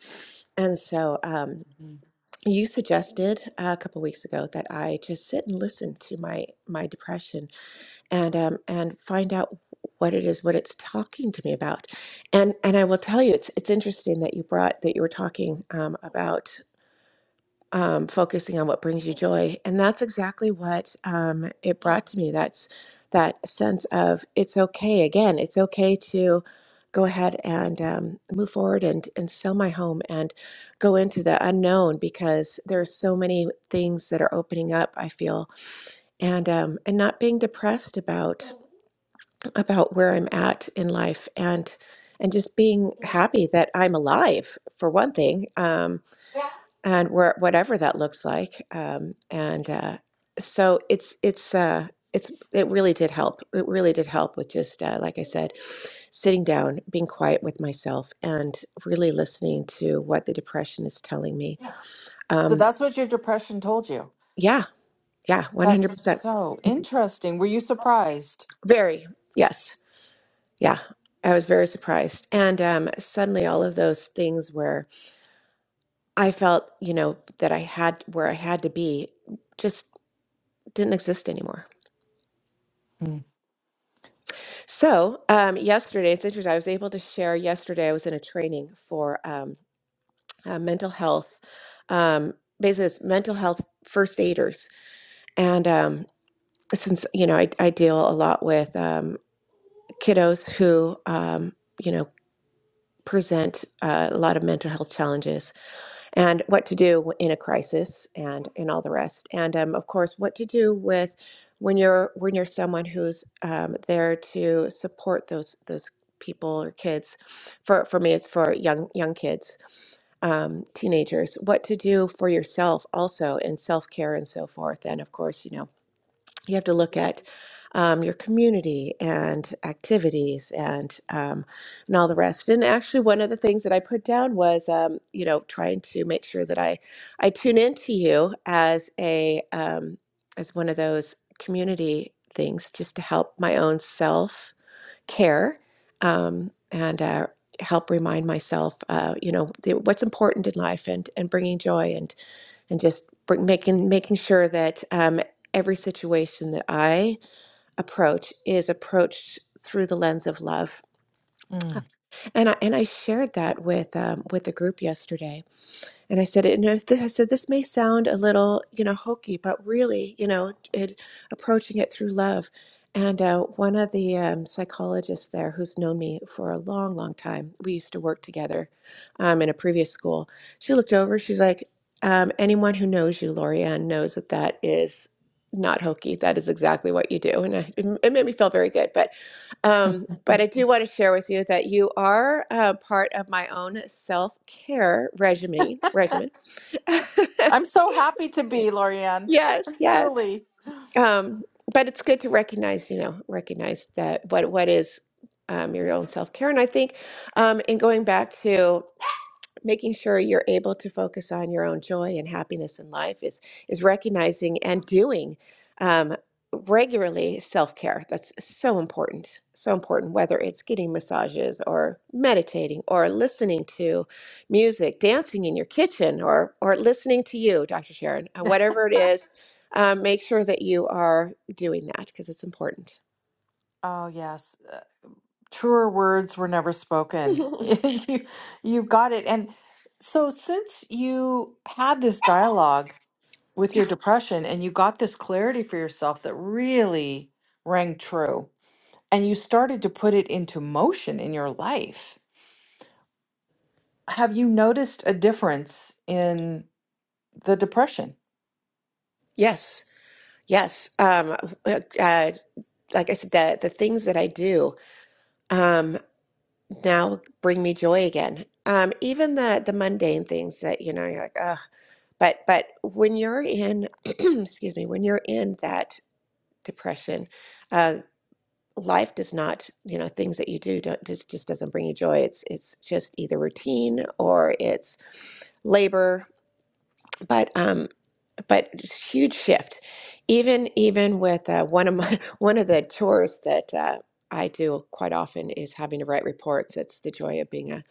[SPEAKER 3] and so um,
[SPEAKER 1] Mhm.
[SPEAKER 3] you suggested a couple weeks ago that I just sit and listen to my my depression and um, and find out what it is what it's talking to me about and and i will tell you it's it's interesting that you brought that you were talking um, about um, focusing on what brings you joy and that's exactly what um, it brought to me that's that sense of it's okay again it's okay to go ahead and um, move forward and and sell my home and go into the unknown because there are so many things that are opening up i feel and um, and not being depressed about about where I'm at in life and and just being happy that I'm alive for one thing um, and where whatever that looks like um, and uh, so it's it's uh, it's it really did help it really did help with just uh, like I said sitting down being quiet with myself and really listening to what the depression is telling me Yeah.
[SPEAKER 1] So
[SPEAKER 3] um,
[SPEAKER 1] that's what your depression told you.
[SPEAKER 3] yeah yeah
[SPEAKER 1] That's
[SPEAKER 3] 100%
[SPEAKER 1] so interesting. Were you surprised?
[SPEAKER 3] very yes yeah I was very surprised and um, suddenly all of those things were I felt, you know, that I had where I had to be just didn't exist anymore.
[SPEAKER 1] Mm.
[SPEAKER 3] So, um, yesterday, it's interesting. I was able to share yesterday, I was in a training for um, uh, mental health, um, basically, it's mental health first aiders. And um, since, you know, I, I deal a lot with um, kiddos who, um, you know, present uh, a lot of mental health challenges and what to do in a crisis and and all the rest and um, of course what to do with when you're when you're someone who's um, there to support those those people or kids for for me it's for young young kids um, teenagers what to do for yourself also in self-care and so forth and of course you know you have to look at um, your community and activities and um, and all the rest. And actually, one of the things that I put down was, um, you know, trying to make sure that I I tune into you as a um, as one of those community things, just to help my own self care um, and uh, help remind myself, uh, you know, the, what's important in life and and bringing joy and just bring, making making sure that um, every situation that I approach is approached through the lens of love.
[SPEAKER 1] Mm.
[SPEAKER 3] And I, and I shared that with um, with the group yesterday and I said, and if this, I said, this may sound a little, you know, hokey, but really, you know, it, approaching it through love. And uh, one of the um, psychologists there, who's known me for a long, long time, we used to work together um, in a previous school. She looked over. She's like, um, anyone who knows you, Lorianne, knows that that is not hokey. That is exactly what you do. And I, it made me feel very good. But um, but I do want to share with you that you are uh, part of my own self care regimen. Regimen. [LAUGHS]
[SPEAKER 1] I'm so happy to be, Lorianne.
[SPEAKER 3] yes,
[SPEAKER 1] [LAUGHS]
[SPEAKER 3] yes.
[SPEAKER 1] Truly.
[SPEAKER 3] Um, but it's good to recognize, you know, recognize that what what is um, your own self care. And I think, um, in going back to making sure you're able to focus on your own joy and happiness in life is is recognizing and doing um, regularly self-care that's so important so important whether it's getting massages or meditating or listening to music dancing in your kitchen or or listening to you dr sharon uh,
[SPEAKER 1] [LAUGHS]
[SPEAKER 3] whatever it is um, make sure that you are doing that because it's important
[SPEAKER 1] Oh, yes. truer words were never
[SPEAKER 3] [LAUGHS]
[SPEAKER 1] spoken. [LAUGHS] you you got it. And so since you had this dialogue with
[SPEAKER 3] yeah
[SPEAKER 1] your depression and you got this clarity for yourself that really rang true and you started to put it into motion in your life, have you noticed a difference in the depression?
[SPEAKER 3] yes yes um, uh, uh, like i said the, the things that i do Um, now bring me joy again. Um, even the the mundane things that you know you're like, ugh. But but when you're in, [CLEARS THROAT] excuse me, when you're in that depression, uh, life does not, you know, things that you do don't just just doesn't bring you joy. It's it's just either routine or it's labor. But um, but huge shift. Even even with uh, one of my [LAUGHS] one of the chores that uh, I do quite often is having to write reports. It's the joy of being a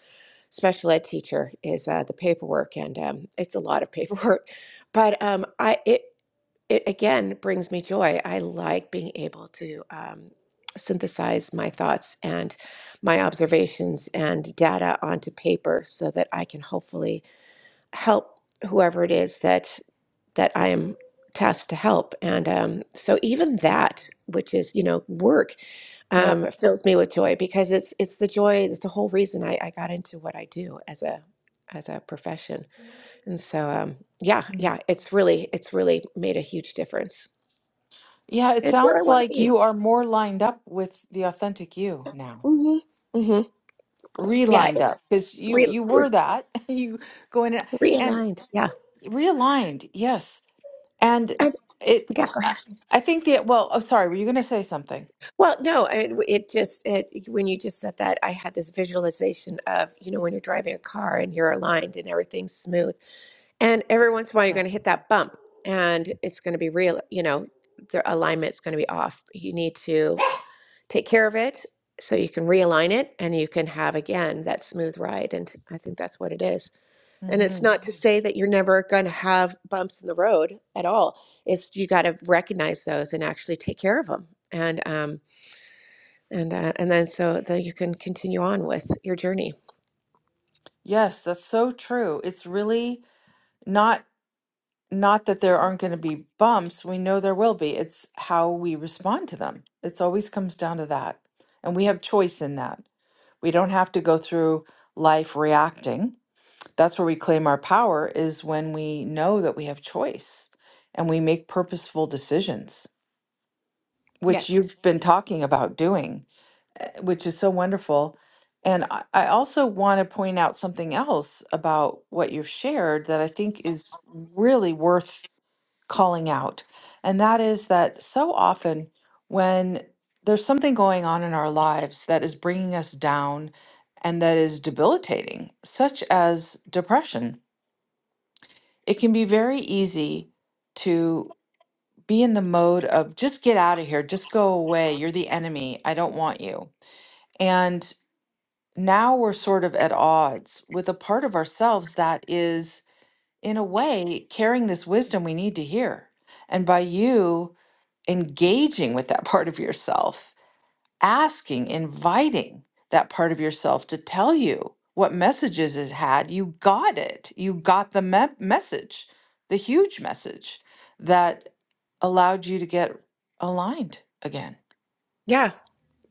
[SPEAKER 3] special ed teacher is uh, the paperwork and um, it's a lot of paperwork [LAUGHS] but um, i it it again brings me joy i like being able to um, synthesize my thoughts and my observations and data onto paper so that i can hopefully help whoever it is that that I am tasked to help. And um, so even
[SPEAKER 1] Mm.
[SPEAKER 3] that, which is you know work,
[SPEAKER 1] Yep.
[SPEAKER 3] um, fills me with joy because it's it's the joy. It's the whole reason I, I got into what I do as a as a profession. And so um, yeah,
[SPEAKER 1] Mm.
[SPEAKER 3] yeah, it's really it's really made a huge difference.
[SPEAKER 1] Yeah, it
[SPEAKER 3] It's where I
[SPEAKER 1] sounds
[SPEAKER 3] want to
[SPEAKER 1] like
[SPEAKER 3] be.
[SPEAKER 1] you are more lined up with the authentic you now.
[SPEAKER 3] hmm hmm Yeah,
[SPEAKER 1] Relined
[SPEAKER 3] it's
[SPEAKER 1] up because you
[SPEAKER 3] re-
[SPEAKER 1] you were
[SPEAKER 3] re-
[SPEAKER 1] that [LAUGHS] you go in and, and
[SPEAKER 3] realigned. Yeah,
[SPEAKER 1] realigned. Yes, and
[SPEAKER 3] and
[SPEAKER 1] it.
[SPEAKER 3] yeah. go ahead.
[SPEAKER 1] I, I think the well. Oh, sorry. Were you going to say something?
[SPEAKER 3] Well, no, I- it just it, when you just said that, I had this visualization of you know when you're driving a car and you're aligned and everything's smooth, and every once in a while you're
[SPEAKER 1] Yeah.
[SPEAKER 3] going to hit that bump, and it's going to be real. You know, the alignment's going to be off. You need to take care of it so you can realign it, and you can have again that smooth ride. And I think that's what it is. And it's
[SPEAKER 1] hmm
[SPEAKER 3] not to say that you're never going to have bumps in the road at all. It's you got to recognize those and actually take care of them. And um, and uh, and then so that you can continue on with your journey.
[SPEAKER 1] Yes, that's so true. It's really not not that there aren't going to be bumps. We know there will be. It's how we respond to them. It's always comes down to that, and we have choice in that. We don't have to go through life reacting that's where we claim our power is when we know that we have choice and we make purposeful decisions which
[SPEAKER 3] Yes.
[SPEAKER 1] you've been talking about doing eh, which is so wonderful and i I also want to point out something else about what you've shared that i think is really worth calling out and that is that so often when there's something going on in our lives that is bringing us down and that is debilitating such as depression It can be very easy to be in the mode of just get out of here, just go away. You're the enemy. I don't want you. And now we're sort of at odds with a part of ourselves that is, in a way, carrying this wisdom we need to hear. And by you engaging with that [LAUGHS] part of yourself, asking, inviting that part of yourself to tell you what messages it had. You got it. You got the me- message, the huge message that allowed you to get aligned again.
[SPEAKER 3] Yeah,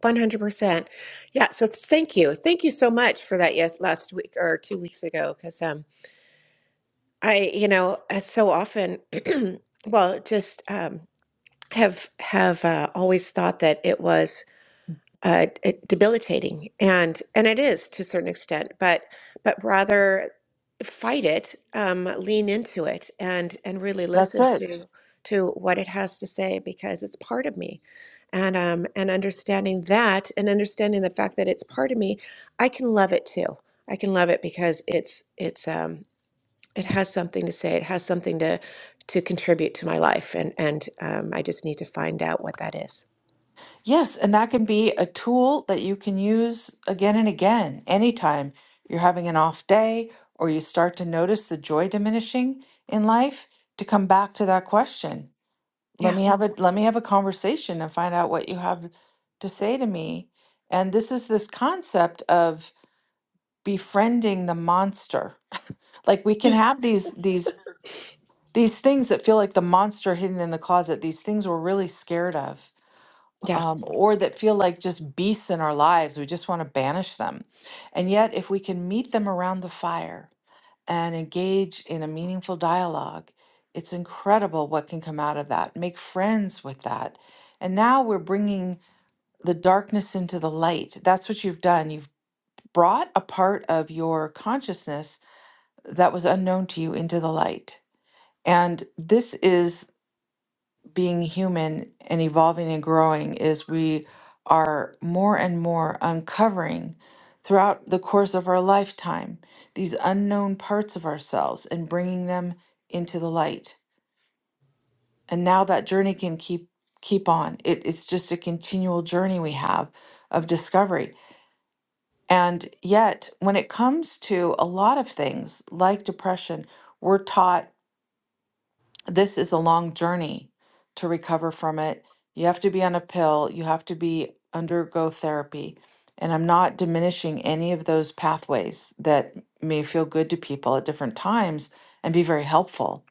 [SPEAKER 3] one hundred percent. Yeah. So th- thank you, thank you so much for that. Yes, last week or two weeks ago, because um, I you know as so often, [CLEARS THROAT] well, just um, have have uh, always thought that it was. uh, d- debilitating, and and it is to a certain extent. But but rather fight it, um, lean into it, and and really
[SPEAKER 1] That's
[SPEAKER 3] listen
[SPEAKER 1] it.
[SPEAKER 3] to to what it has to say because it's part of me, and um, and understanding that, and understanding the fact that it's part of me, I can love it too. I can love it because it's it's um, it has something to say. It has something to to contribute to my life, and and um, I just need to find out what that is.
[SPEAKER 1] Yes, and that can be a tool that you can use again and again. Anytime you're having an off day or you start to notice the joy diminishing in life, to come back to that question let
[SPEAKER 3] Yeah,
[SPEAKER 1] me have a let me have a conversation and find out what you have to say to me and this is this concept of befriending the monster [LAUGHS] like we can have these these these things that feel like the monster hidden in the closet these things we're really scared of
[SPEAKER 3] yeah,
[SPEAKER 1] um, or that feel like just beasts in our lives we just want to banish them and yet if we can meet them around the fire and engage in a meaningful dialogue. It's incredible what can come out of that. Make friends with that. And now we're bringing the darkness into the light. That's what you've done. You've brought a part of your consciousness that was unknown to you into the light. And this is being human and evolving and growing is we are more and more uncovering throughout the course of our lifetime these unknown parts of ourselves and bringing them into the light and now that journey can keep keep on it, it's just a continual journey we have of discovery and yet when it comes to a lot of things like depression we're taught this is a long journey to recover from it. You have to be on a pill, you have to be undergo therapy. And I'm not diminishing any of those pathways that may feel good to people at different times and be very helpful.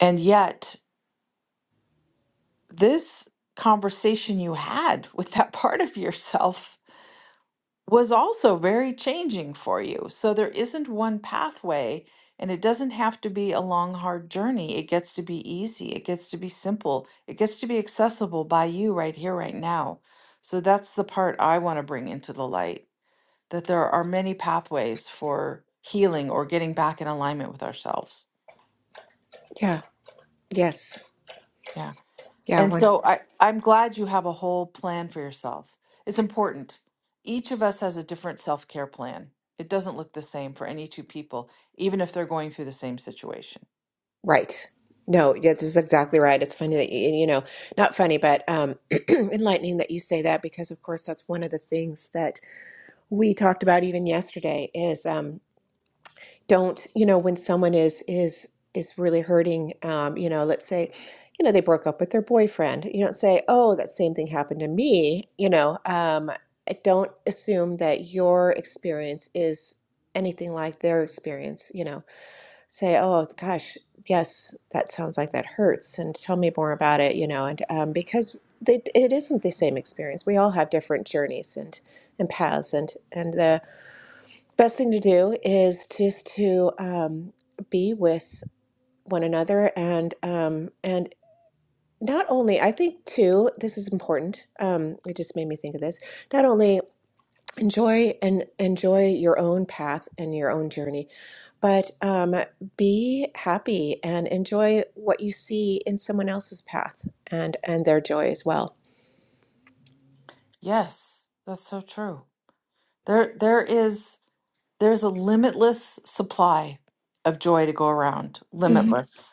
[SPEAKER 1] And yet, this conversation you had [LAUGHS] with that part of yourself was also very changing for you. So there isn't one pathway, and it doesn't have to be a long, hard journey. It gets to be easy, it gets to be simple, it gets to be accessible by you right here, right now. So that's the part I want to bring into the light that there are many pathways for healing or getting back in alignment with ourselves.
[SPEAKER 3] yeah, yes,
[SPEAKER 1] Yeah.
[SPEAKER 3] yeah.
[SPEAKER 1] And
[SPEAKER 3] One
[SPEAKER 1] so I, I'm glad you have a whole plan for yourself. It's important. Each of us has a different self care plan. It doesn't look the same for any two people, even if they're going through the same situation.
[SPEAKER 3] right. No, yeah, this is exactly right. It's funny that you, you know, not funny, but um, [CLEARS THROAT] enlightening that you say that because, of course, that's one of the things that we talked about even yesterday is um, don't you know when someone is is is really hurting um you know let's say you know they broke up with their boyfriend you don't say oh that same thing happened to me you know um I don't assume that your experience is anything like their experience you know say oh gosh yes that sounds like that hurts and tell me more about it you know and um because they, it isn't the same experience we all have different journeys and and paths and and the Best thing to do is just to um, be with one another and um, and not only I think too this is important. Um, it just made me think of this. Not only enjoy and enjoy your own path and your own journey, but um, be happy and enjoy what you see in someone else's path and and their joy as well.
[SPEAKER 1] Yes, that's so true. There, there is there's a limitless supply of joy to go around.
[SPEAKER 3] Mhm.
[SPEAKER 1] Limitless.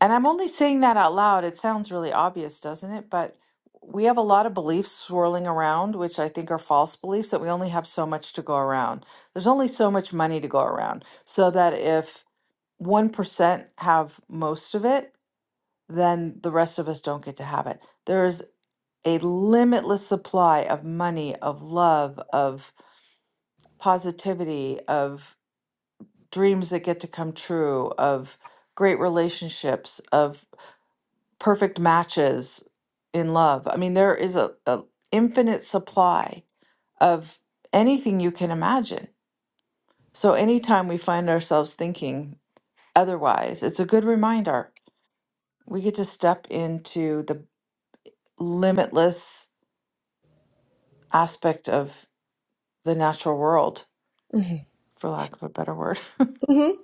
[SPEAKER 1] And I'm only saying that out loud. It sounds really obvious, doesn't it? But we have a lot of beliefs swirling around, which I think are false beliefs, that we only have so much to go around. There's only so much money to go around. So that if 1% have most of it, then the rest of us don't get to have it. There is a limitless supply of money, of love, of positivity, of dreams that get to come true, of great relationships, of perfect matches in love. I mean, there is a, a infinite supply of anything you can imagine. So anytime we find ourselves thinking otherwise, it's a good reminder. We get to step into the limitless aspect of the natural world, for lack of a better word. [LAUGHS]
[SPEAKER 3] Mhm.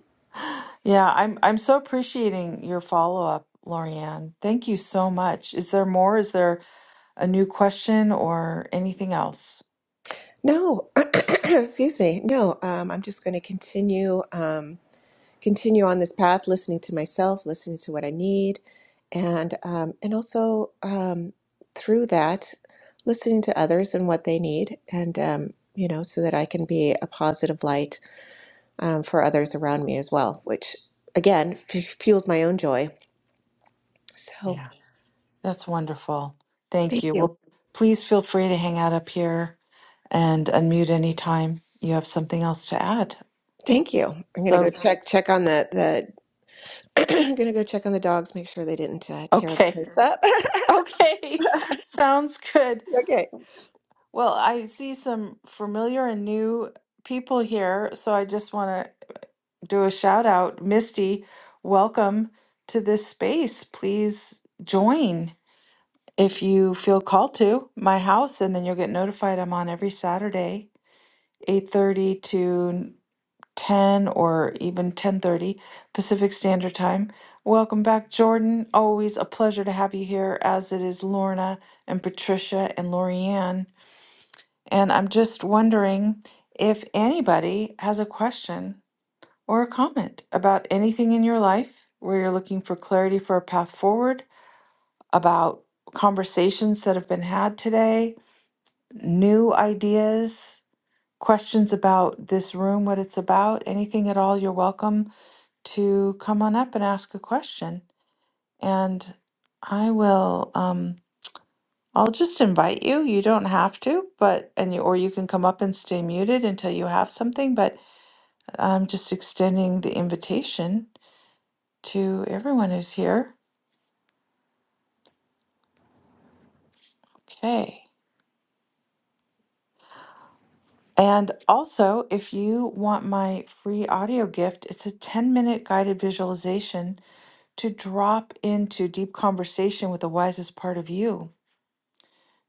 [SPEAKER 1] Yeah, I'm I'm so appreciating your follow-up, Lorianne. Thank you so much. Is there more? Is there a new question or anything else?
[SPEAKER 3] No, [CLEARS THROAT] excuse me. No, um, I'm just going to continue. Um, continue on this path, listening to myself, listening to what I need, and um, and also um, through that, listening to others and what they need, and um, you know, so that I can be a positive light um, for others around me as well, which again f- fuels my own joy. So
[SPEAKER 1] Yeah. That's wonderful. Thank
[SPEAKER 3] thank
[SPEAKER 1] you.
[SPEAKER 3] you,
[SPEAKER 1] Well, please feel free to hang out up here and unmute anytime you have something else to add.
[SPEAKER 3] thank you. I'm gonna go
[SPEAKER 1] So,
[SPEAKER 3] check check on the the. [CLEARS THROAT] I'm gonna go check on the dogs, make sure they didn't uh, tear the
[SPEAKER 1] okay.
[SPEAKER 3] place up.
[SPEAKER 1] Okay. [LAUGHS] Sounds good.
[SPEAKER 3] [LAUGHS] okay.
[SPEAKER 1] Well, I see some familiar and new people here. So I just want to do a shout out. Misty, welcome to this space. Please join if you feel called to my house and then you'll get notified i'm on every saturday 8.30 to 10 or even 10:30 Pacific Standard Time. Welcome back Jordan. Always a pleasure to have you here as it is Lorna and Patricia and Lorianne. And I'm just wondering if anybody has a question or a comment about anything in your life where you're looking for clarity for a path forward, about conversations that have been had today, new ideas, questions about this room, what it's about, anything at all, you're welcome to come on up and ask a question. And I will um I'll just invite you. You don't have to, but and you, or you can come up and stay muted until you have something, but I'm just extending the invitation to everyone who's here. Okay. And also, if you want my free audio gift, it's a 10-minute guided visualization to drop into deep conversation with the wisest part of you.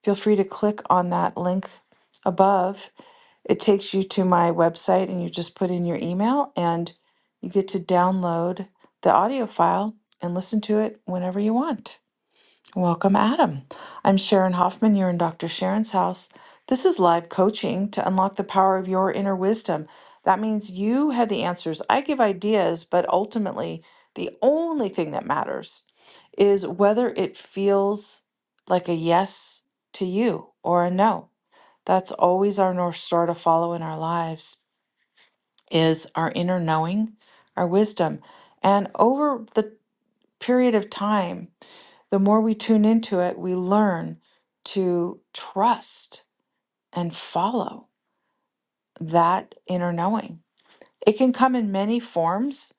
[SPEAKER 1] Feel free to click on that link above it takes you to my website and you just put in your email and you get to download the audio file and listen to it whenever you want. Welcome, Adam. I'm Sharon Hoffman. You're in Dr. Sharon's house. This is live coaching to unlock the power of your inner wisdom. That means you have the answers. I give ideas, but ultimately, the only thing that matters is whether it feels like a yes to you or a no. That's always our North Star to follow in our lives is our inner knowing, our wisdom. And over the period of time, the more we tune into it, we learn to trust and follow that inner knowing. It can come in many forms,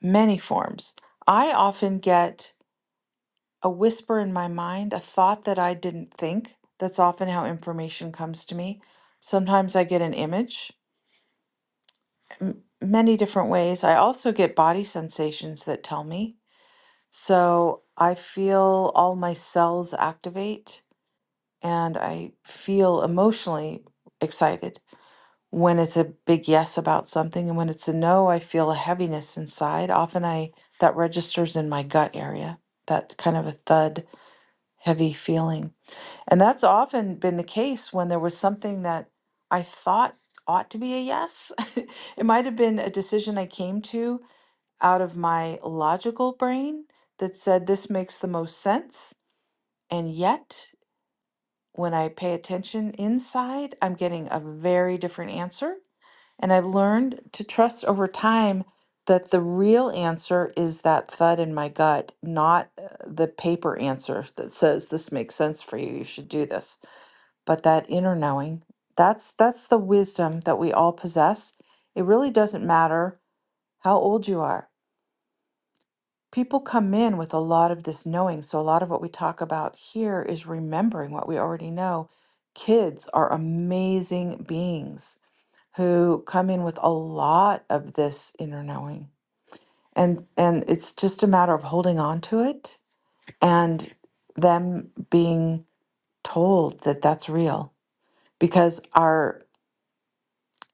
[SPEAKER 1] many forms. I often get a whisper in my mind, a thought that I didn't think. That's often how information comes to me. Sometimes I get an image. m- many different ways. I also get body sensations that tell me. So I feel all my cells activate and I feel emotionally excited when it's a big yes about something and when it's a no, I feel a heaviness inside. Often I that registers in my gut area, that kind of a thud, heavy feeling. And that's often been the case when there was something that I thought ought to be a yes. [LAUGHS] it might have been a decision I came to out of my logical brain that said this makes the most sense. And yet, when I pay attention inside, I'm getting a very different answer. And I've learned to trust over time that the real answer is that thud in my gut, not uh, the paper answer that says this makes sense for you, you should do this, but that inner knowing. That's that's the wisdom that we all possess. It really doesn't matter how old you are people come in with a lot of this knowing. So, a lot of what we talk about here is remembering what we already know. Kids are amazing beings who come in with a lot of this inner knowing. And, and it's just a matter of holding on to it and them being told that that's real. Because our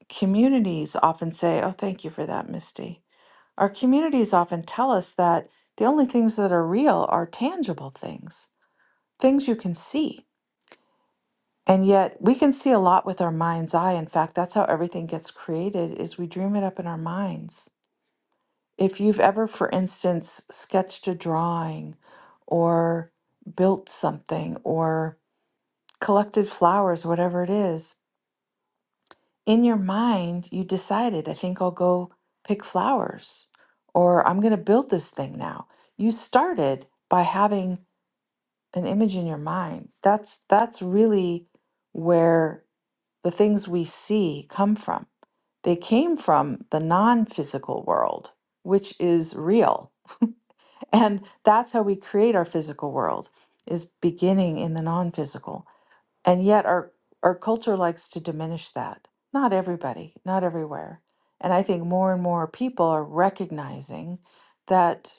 [SPEAKER 1] communities often say, Oh, thank you for that, Misty. Our communities often tell us that the only things that are real are tangible things things you can see. And yet we can see a lot with our mind's eye. In fact, that's how everything gets created is we dream it up in our minds. If you've ever, for instance, sketched a drawing or built something or collected flowers, whatever it is, in your mind, you decided, I think I'll go pick flowers or I'm going to build this thing now. You started by having an image in your mind. That's that's really where the things we see come from. They came from the non physical world, which is real. [LAUGHS] And that's how we create our physical world, is beginning in the non physical. And yet our, our culture likes to diminish that. Not everybody, not everywhere. And I think more and more people are recognizing that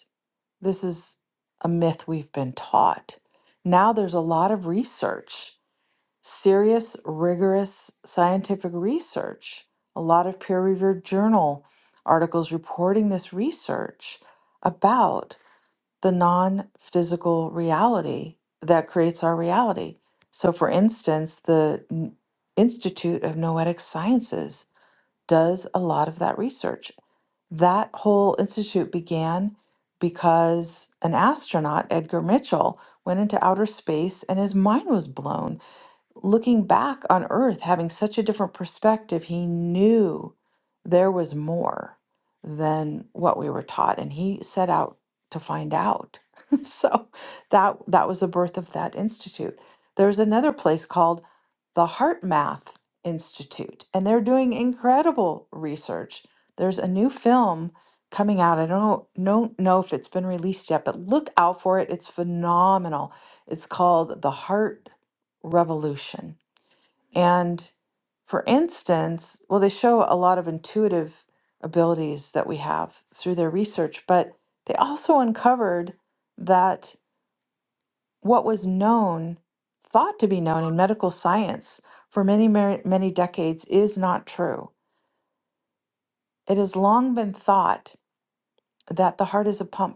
[SPEAKER 1] this is a myth we've been taught. Now there's a lot of research serious, rigorous scientific research, a lot of peer reviewed journal articles reporting this research about the non physical reality that creates our reality. So, for instance, the N- Institute of Noetic Sciences does a lot of that research. That whole institute began because an astronaut, Edgar Mitchell, went into outer space and his mind was blown looking back on earth, having such a different perspective, he knew there was more than what we were taught, and he set out to find out. [LAUGHS] so that that was the birth of that institute. There's another place called the Heart Math Institute, and they're doing incredible research. There's a new film coming out. I don't know, know if it's been released yet, but look out for it. It's phenomenal. It's called The Heart revolution. And for instance, well, they show a lot of intuitive abilities that we have through their research, but they also uncovered that what was known, thought to be known in medical science for many, many, many decades is not true. It has long been thought that the heart is a pump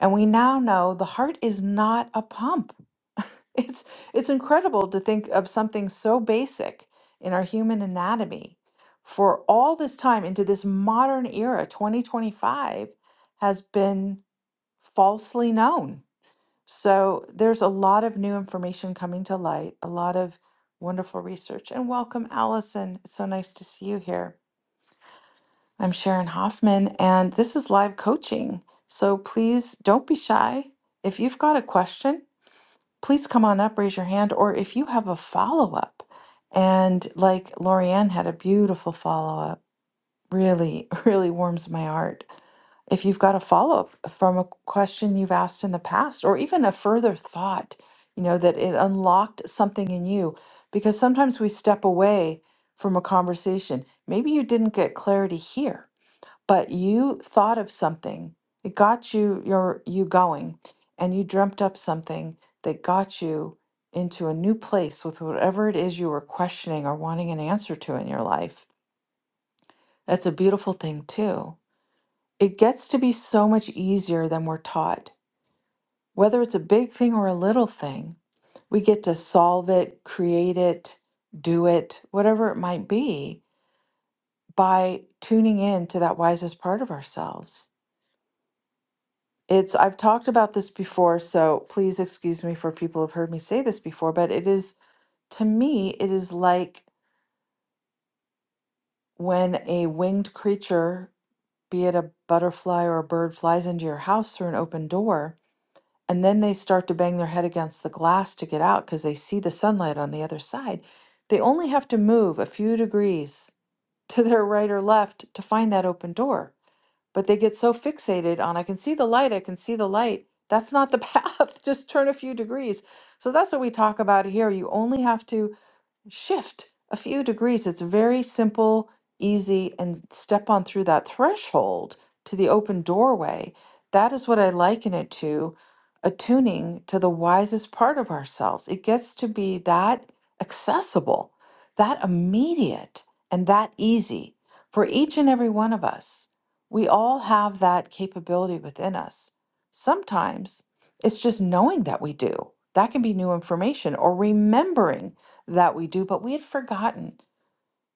[SPEAKER 1] And we now know the heart is not a pump. [LAUGHS] It's it's incredible to think of something so basic in our human anatomy for all this time into this modern era 2025 has been falsely known. So there's a lot of new information coming to light, a lot of wonderful research and welcome Allison. It's so nice to see you here. I'm Sharon Hoffman, and this is live coaching. So please don't be shy. If you've got a question, please come on up, raise your hand, or if you have a follow up. And like Lorianne had a beautiful follow up, really, [LAUGHS] really warms my heart. If you've got a follow up from a question you've asked in the past, or even a further thought, you know, that it unlocked something in you, because sometimes we step away from a conversation. Maybe you didn't get clarity here but you thought of something it got you your you going and you dreamt up something that got you into a new place with whatever it is you were questioning or wanting an answer to in your life that's a beautiful thing too it gets to be so much easier than we're taught whether it's a big thing or a little thing we get to solve it create it do it whatever it might be by tuning in to that wisest part of ourselves It's I've talked about this before, so please excuse me for people who've heard me say this before, but it is to me it is like when a winged creature, be it a butterfly or a bird, flies into your house through an open door, and then they start to bang their head against the glass to get out because they see the sunlight on the other side. They only have to move a few degrees to their right or left to find that open door. but they get so fixated on I can see the light, I can see the light. That's not the [LAUGHS] path. Just turn a few degrees. So that's what we talk about here. You only have to shift a few degrees. It's very simple, easy, and step on through that threshold to the open doorway. That is what I liken it to attuning to the wisest part of ourselves. It gets to be that accessible, that immediate, and that easy for each and every one of us. We all have that capability within us. Sometimes it's just knowing that we do. That can be new information or remembering that we do, but we had forgotten.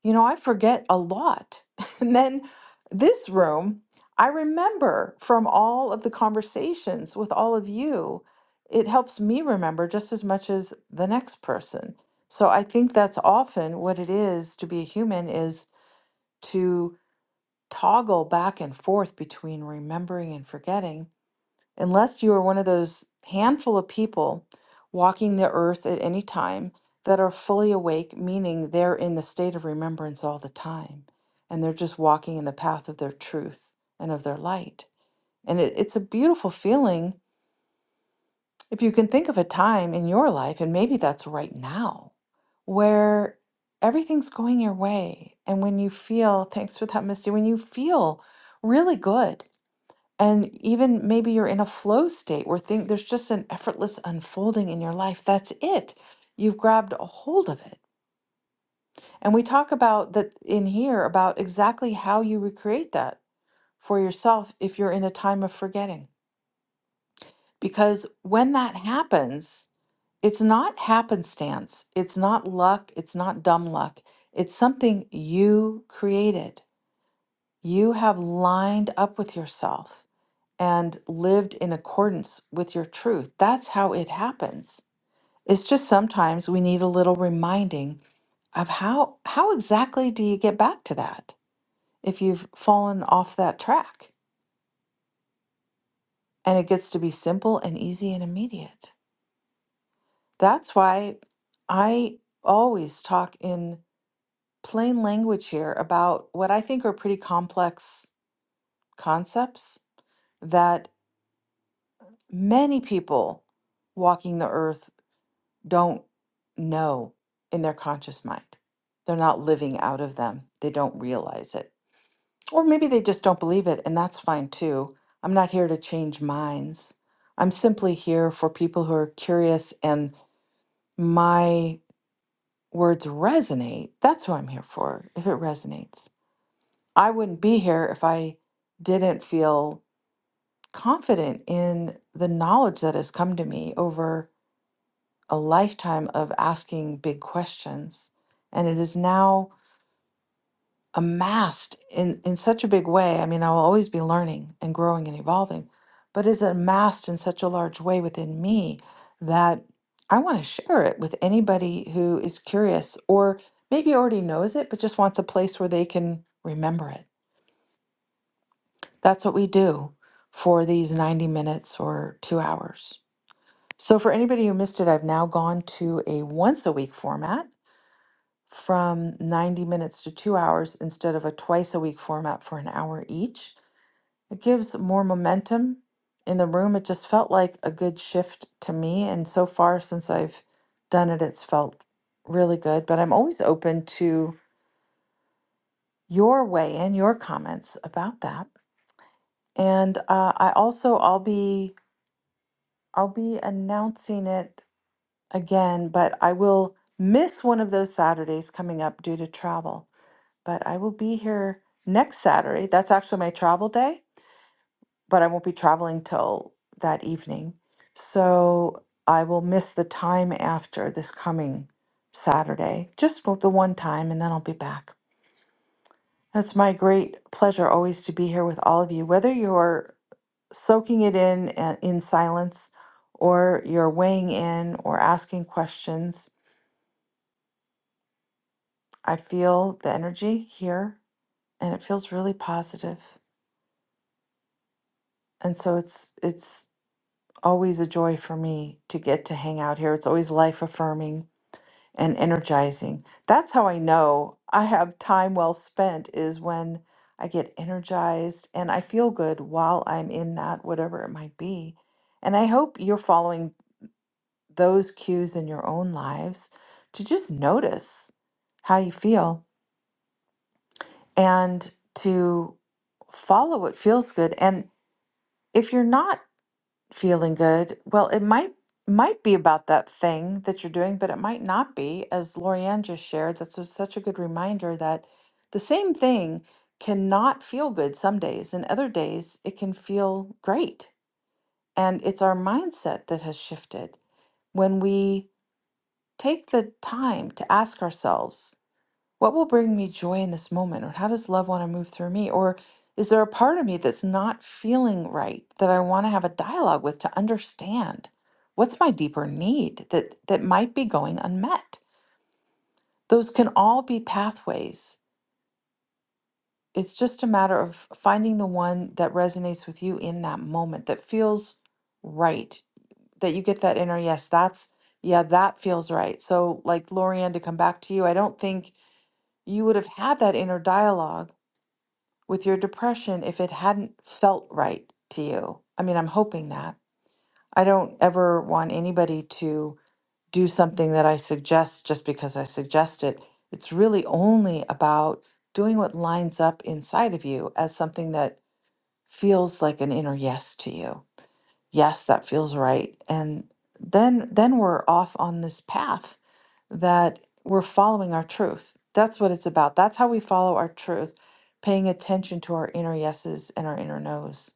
[SPEAKER 1] You know, I forget a lot. [LAUGHS] And then this room, I remember from all of the conversations with all of you, it helps me remember just as much as the next person. So I think that's often what it is to be a human is to toggle back and forth between remembering and forgetting Unless you are one of those handful of people walking the earth at any time that are fully awake, meaning they're in the state of remembrance all the time and they're just walking in the path of their truth and of their light. And it, it's a beautiful feeling if you can think of a time in your life, and maybe that's right now, where everything's going your way. And when you feel, thanks for that, Misty, when you feel really good and even maybe you're in a flow state where think there's just an effortless unfolding in your life. That's it. You've grabbed a hold of it. And we talk about that in here about exactly how you recreate that for yourself if you're in a time of forgetting. Because when that happens, it's not happenstance, it's not luck, it's not dumb luck. It's something you created. You have lined up with yourself. and lived in accordance with your truth. That's how it happens. It's just sometimes we need a little reminding of how how exactly do you get back to that if you've fallen off that track? And it gets to be simple and easy and immediate. That's why I always talk in plain language here about what I think are pretty complex concepts that many people walking the earth don't know in their conscious mind. They're not living out of them. They don't realize it. Or maybe they just don't believe it, and that's fine too. I'm not here to change minds. I'm simply here for people who are curious and my words resonate. That's who I'm here for, if it resonates. I wouldn't be here if I didn't feel confident in the knowledge that has come to me over a lifetime of asking big questions. And it is now amassed in, in such a big way. I mean, I'll always be learning and growing and evolving, but it's amassed in such a large way within me that I want to share it with anybody who is curious or maybe already knows it, but just wants a place where they can remember it. That's what we do for these 90 minutes or two hours. So, for anybody who missed it, I've now gone to a once a week format from 90 minutes to two hours instead of a twice a week format for an hour each. It gives more momentum in the room. It just felt like a good shift to me. And so far, since I've done it, it's felt really good. But I'm always open to your way and your comments about that. And uh, I also, I'll be. I'll be announcing it again, but I will miss one of those Saturdays coming up due to travel. but I will be here next Saturday. That's actually my travel day, but I won't be traveling till that evening. So I will miss the time after this coming Saturday, just for the one time, and then I'll be back. It's my great pleasure always to be here with all of you, whether you're soaking it in and in silence or you're weighing in or asking questions. I feel the energy here and it feels really positive. And so it's it's always a joy for me to get to hang out here. It's always life affirming and energizing. That's how I know I have time well spent is when I get energized and I feel good while I'm in that, whatever it might be. And I hope you're following those cues in your own lives to just notice how you feel and to follow what feels good. And if you're not feeling good. Well, it might might be about that thing that you're doing, but it might not be. As Lorianne just shared, that's a- such a good reminder that the same thing cannot feel good some days, and other days it can feel great. And it's our mindset that has shifted when we take the time to ask ourselves what will bring me joy in this moment? Or how does love want to move through me? Or is there a part of me that's not feeling right that I want to have a dialogue with to understand? What's my deeper need that, that might be going unmet? Those can all be pathways. It's just a matter of finding the one that resonates with you in that moment that feels right, that you get that inner yes, that's, yeah, that feels right. So, like Lorianne, to come back to you, I don't think you would have had that inner dialogue with your depression if it hadn't felt right to you. I mean, I'm hoping that. I don't ever want anybody to do something that I suggest just because I suggest it. It's really only about doing what lines up inside of you as something that feels like an inner yes to you. Yes, that feels right. And then then we're off on this path that we're following our truth. That's what it's about. That's how we follow our truth, paying attention to our inner yeses and our inner nos.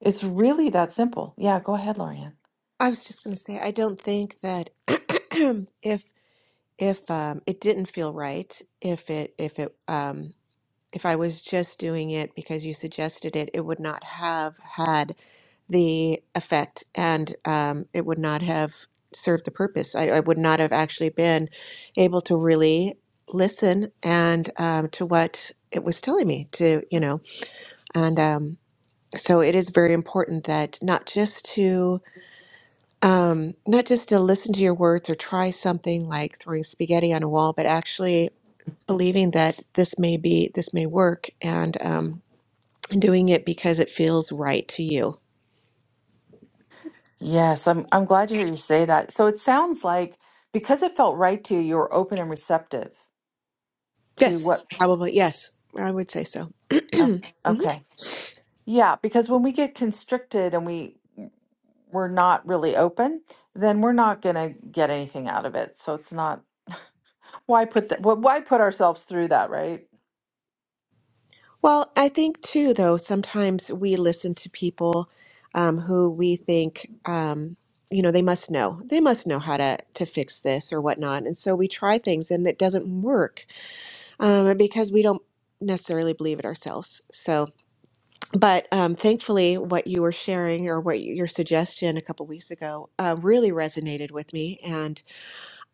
[SPEAKER 1] It's really that simple. Yeah, go ahead, Lorianne.
[SPEAKER 3] I was just going to say, I don't think that [CLEARS THROAT] if if um, it didn't feel right, if it if it um, if I was just doing it because you suggested it, it would not have had the effect, and um, it would not have served the purpose. I, I would not have actually been able to really listen and um, to what it was telling me to, you know, and um, so it is very important that not just to um, not just to listen to your words or try something like throwing spaghetti on a wall, but actually believing that this may be this may work and um, and doing it because it feels right to you.
[SPEAKER 1] Yes, I'm I'm glad to hear you say that. So it sounds like because it felt right to you, you were open and receptive to what
[SPEAKER 3] Yes, probably. Yes, I would say so. [CLEARS THROAT]
[SPEAKER 1] oh,
[SPEAKER 3] Mhm.
[SPEAKER 1] okay. Yeah, because when we get constricted and we we're not really open, then we're not gonna get anything out of it. So it's not why put that why put ourselves through that, right?
[SPEAKER 3] Well, I think too, though sometimes we listen to people um, who we think um, you know they must know they must know how to to fix this or whatnot, and so we try things and it doesn't work um, because we don't necessarily believe it ourselves. So. but um, thankfully, what you were sharing or what you, your suggestion a couple weeks ago uh, really resonated with me, and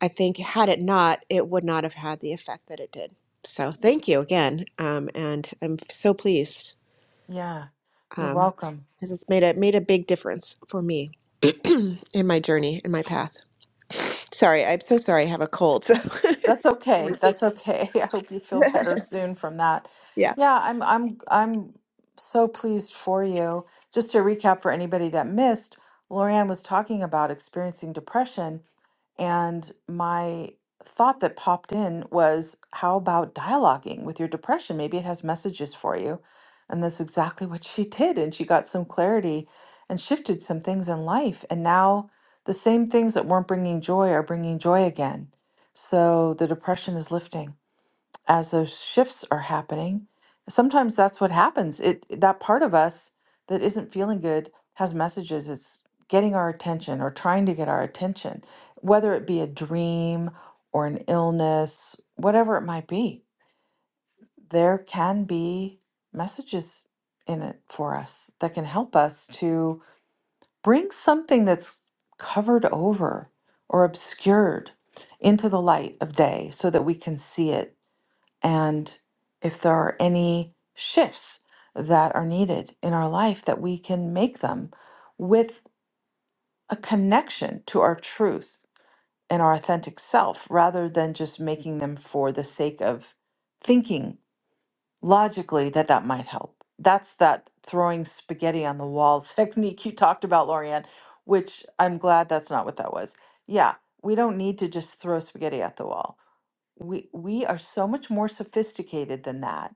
[SPEAKER 3] I think had it not, it would not have had the effect that it did. So thank you again, um, and I'm so pleased
[SPEAKER 1] Yeah, you're
[SPEAKER 3] um,
[SPEAKER 1] welcome.
[SPEAKER 3] because it's made a made a big difference for me [CLEARS THROAT] in my journey in my path. Sorry, I'm so sorry. I have a cold, so [LAUGHS]
[SPEAKER 1] That's
[SPEAKER 3] it's
[SPEAKER 1] okay. That's
[SPEAKER 3] ridiculous.
[SPEAKER 1] okay. [LAUGHS] I hope you feel
[SPEAKER 3] [LAUGHS]
[SPEAKER 1] better soon from that.
[SPEAKER 3] Yeah.
[SPEAKER 1] Yeah, I'm I'm I'm so pleased for you. Just to recap for anybody that missed, Lorianne was talking about experiencing depression And my thought that popped in was, how about dialoguing with your depression? Maybe it has messages for you. And that's exactly what she [LAUGHS] did. And she got some clarity and shifted some things in life. And now the same things that weren't bringing joy are bringing joy again. So the depression is lifting as those shifts are happening sometimes that's what happens it that part of us that isn't feeling good has messages it's getting our attention or trying to get our attention whether it be a dream or an illness whatever it might be there can be messages in it for us that can help us to bring something that's covered over or obscured into the light of day so that we can see it and if there are any shifts that are needed in our life, that we can make them with a connection to our truth and our authentic self rather than just making them for the sake of thinking logically that that might help. That's that throwing spaghetti on the wall [LAUGHS] technique you talked about, Lorianne, which I'm glad that's not what that was. Yeah, we don't need to just throw spaghetti at the wall. We, we are so much more sophisticated than that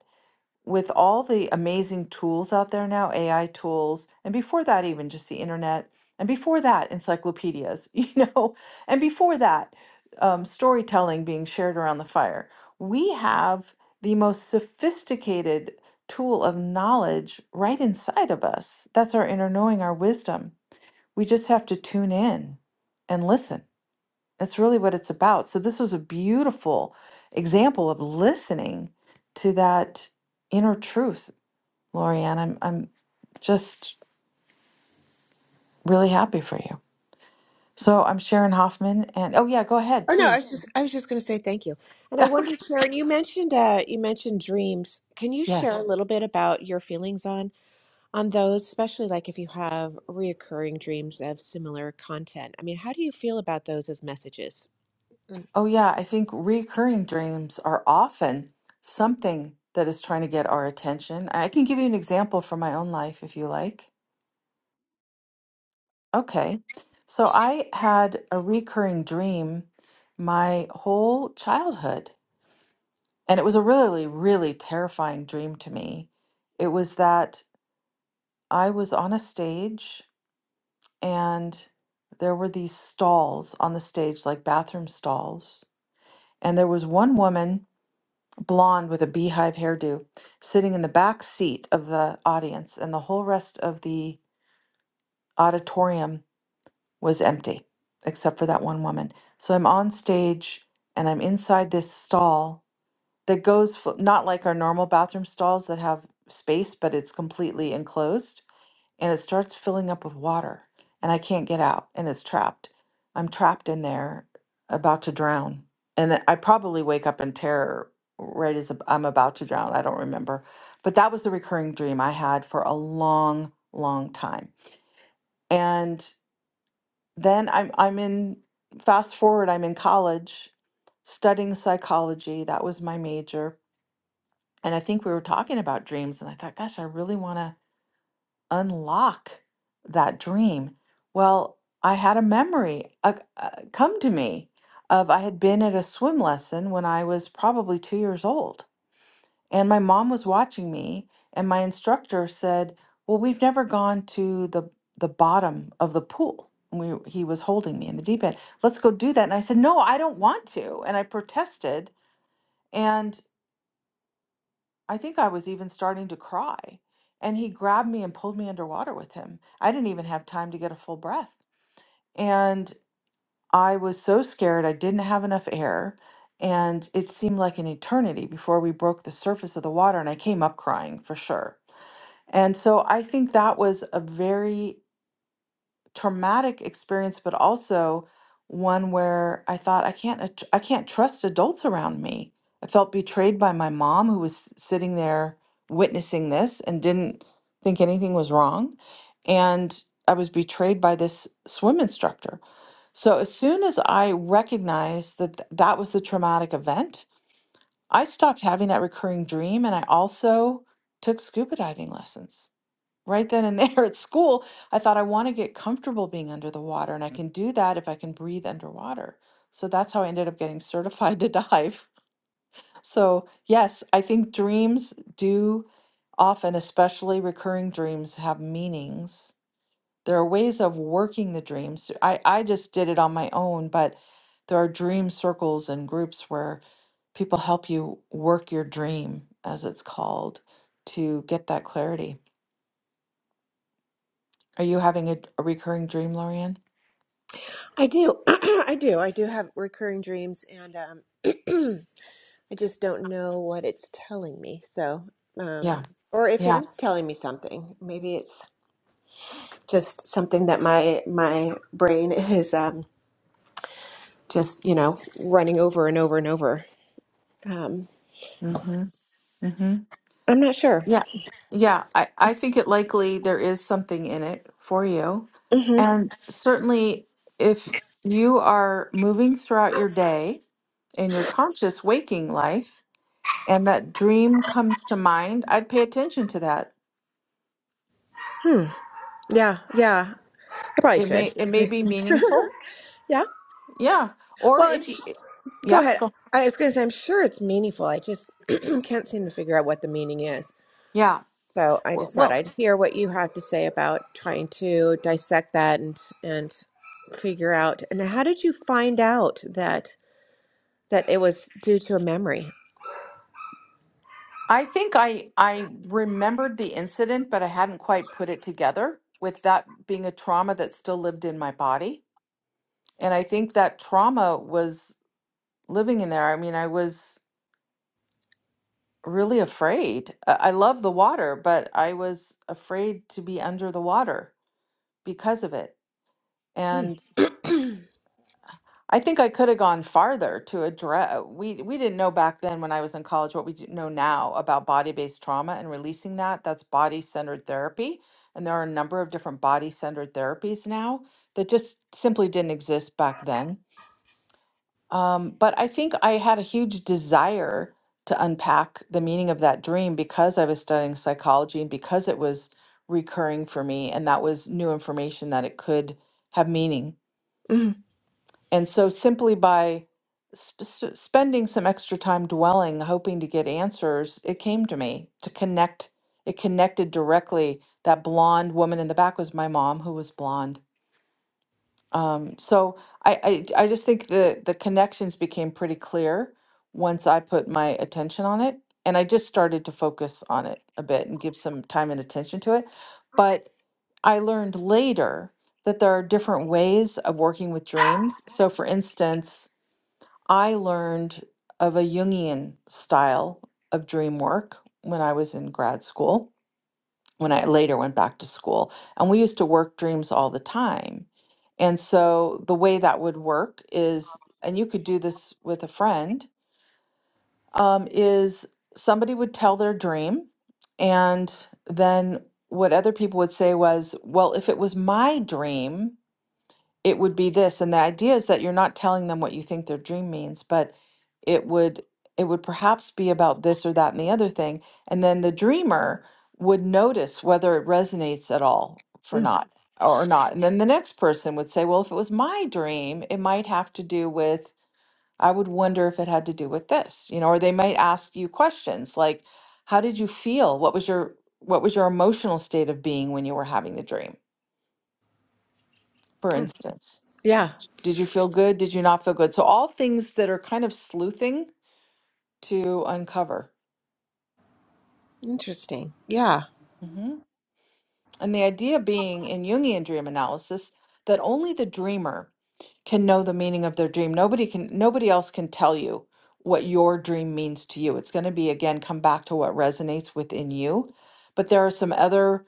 [SPEAKER 1] with all the amazing tools out there now, AI tools, and before that, even just the internet, and before that, encyclopedias, [LAUGHS] you know, and before that, um, storytelling being shared around the fire, we have the most sophisticated tool of knowledge right inside of us. That's our inner knowing, our wisdom. We just have to tune in and listen. That's really what it's about. So, this was a beautiful example of listening to that inner truth Lorianne. I'm I'm just really happy for you. So I'm Sharon Hoffman and oh yeah, go ahead,
[SPEAKER 3] Oh no, I was
[SPEAKER 1] please.
[SPEAKER 3] just I was just going to say thank you. And I wonder, Sharon, you mentioned uh, you mentioned dreams. Can you share
[SPEAKER 1] Yes.
[SPEAKER 3] a little bit about your feelings on on those, especially like if you have reoccurring dreams of similar content? I mean, how do you feel about those as messages? Mm.
[SPEAKER 1] Oh yeah, I think recurring dreams are often something that is trying to get our attention. I can give you an example from my own life if you like. Okay. So I had a recurring dream my whole childhood. And it was a really, really terrifying dream to me. It was that I was on a stage and there were these stalls on the stage, like bathroom stalls. And there was one woman, blonde with a beehive hairdo, sitting in the back seat of the audience, and the whole rest of the auditorium was empty, except for that one woman. So I'm on stage and I'm inside this stall that goes f- not like our normal bathroom stalls that have space, but it's completely enclosed and it starts filling up with water and I can't get out and it's trapped. I'm trapped in there about to drown. And then I probably wake up in terror right as ab- I'm about to drown. I don't remember. But that was the recurring dream I had for a long, long time. And then I'm I'm in fast forward, I'm in college studying psychology. That was my major. And I think we were talking about dreams and I thought, gosh, I really want to unlock that dream? Well, I had a memory uh, uh, come to me of I had been at a swim lesson when I was probably two years old, and my mom was watching me, and my instructor said, "Well, we've never gone to the the bottom of the pool." We, he was holding me in the deep end. Let's go do that. And I said, No, I don't want to. And I protested. And I think I was even starting to cry. And he grabbed me and pulled me underwater with him. I didn't even have time to get a full breath. And I was so scared. I didn't have enough air. And it seemed like an eternity before we broke the surface of the water. And I came up crying for sure. And so I think that was a very traumatic experience, but also one where I thought I can't att- I can't trust adults around me. I felt betrayed by my mom who was sitting there witnessing this and didn't think anything was wrong, and I was betrayed by this swim instructor. So as soon as I recognized that th- that was the traumatic event, I stopped having that recurring dream and I also took scuba diving lessons right then and there [LAUGHS] at school, I thought I want to get comfortable being under the water, and I Mm. can do that if I can breathe underwater. So that's how I ended up getting [LAUGHS] certified to dive. [LAUGHS] So, yes, I think dreams do often, especially recurring dreams, have meanings. There are ways of working the dreams. I, I just did it on my own, but there are dream circles and groups where people help you work your dream, as it's called, to get that clarity. Are you having a, a recurring dream, Lorianne?
[SPEAKER 3] I do, [CLEARS THROAT] I do, I do have recurring dreams, and um, [CLEARS THROAT] I just don't know what it's telling me. So, um,
[SPEAKER 1] Yeah,
[SPEAKER 3] or if it
[SPEAKER 1] yeah.
[SPEAKER 3] is telling me something, maybe it's just something that my my brain [LAUGHS] is. um, just you know running over and over and over um
[SPEAKER 1] Mm-hmm. Mm-hmm.
[SPEAKER 3] i'm not sure
[SPEAKER 1] Yeah. Yeah. I, I think it likely there is something in it for you.
[SPEAKER 3] hmm
[SPEAKER 1] And certainly if you are moving throughout your day in your conscious waking life and that dream comes to mind, I'd pay attention to that.
[SPEAKER 3] hmm yeah yeah i probably
[SPEAKER 1] It may
[SPEAKER 3] should
[SPEAKER 1] it may be
[SPEAKER 3] [LAUGHS]
[SPEAKER 1] meaningful.
[SPEAKER 3] yeah
[SPEAKER 1] Yeah. Or
[SPEAKER 3] well i'm
[SPEAKER 1] if you
[SPEAKER 3] sh- go
[SPEAKER 1] yeah,
[SPEAKER 3] ahead
[SPEAKER 1] go.
[SPEAKER 3] i was gonna say i'm sure it's meaningful i just [CLEARS THROAT] can't seem to figure out what the meaning is
[SPEAKER 1] Yeah.
[SPEAKER 3] so i
[SPEAKER 1] Well,
[SPEAKER 3] just thought
[SPEAKER 1] well,
[SPEAKER 3] i'd hear what you have to say about trying to dissect that and and figure out and how did you find out that that it was due to a memory
[SPEAKER 1] I think I I remembered the incident, but I hadn't quite put it together with that being a trauma that still lived in my body. And I think that trauma was living in there. I mean, I was really afraid. I I love the water, but I was afraid to be under the water because of it.
[SPEAKER 3] hmm.
[SPEAKER 1] And.
[SPEAKER 3] [CLEARS THROAT]
[SPEAKER 1] I think I could have gone farther to address. We we didn't know back then when I was in college what we do know now about body-based trauma and releasing that. That's body-centered therapy, and there are a number of different body-centered therapies now that just simply didn't exist back then. Um, but I think I had a huge desire to unpack the meaning of that dream because I was studying psychology and because it was recurring for me, and that was new information that it could have meaning
[SPEAKER 3] Mm,
[SPEAKER 1] and so simply by sp- s- spending some extra time dwelling, hoping to get answers, it came to me to connect. It connected directly. That blonde woman in the back was my mom, who was blonde. Um, so I, I, I just think the, the connections became pretty clear once I put my attention on it. And I just started to focus on it a bit and give some time and attention to it. But I learned later that there are different ways of working with dreams. So, for instance, I learned of a Jungian style of dream work when I was in grad school, when I later went back to school. And we used to work dreams all the time. And so the way that would work is, and you could do this with a friend, um, is somebody would tell their dream. And then what other people would say was, well, if it was my dream, it would be this and the idea is that you're not telling them what you think their dream means but it would it would perhaps be about this or that and the other thing and then the dreamer would notice whether it resonates at all for
[SPEAKER 3] mm.
[SPEAKER 1] not or not and then the next person would say well if it was my dream it might have to do with i would wonder if it had to do with this you know or they might ask you questions like how did you feel what was your what was your emotional state of being when you were having the dream for instance
[SPEAKER 3] yeah
[SPEAKER 1] did you feel good? Did you not feel good? So all things that are kind of sleuthing to uncover.
[SPEAKER 3] interesting yeah
[SPEAKER 1] Mm-hmm. And the idea being in Jungian dream analysis that only the dreamer can know the meaning of their dream. Nobody can nobody else can tell you what your dream means to you. It's going to be again come back to what resonates within you. But there are some other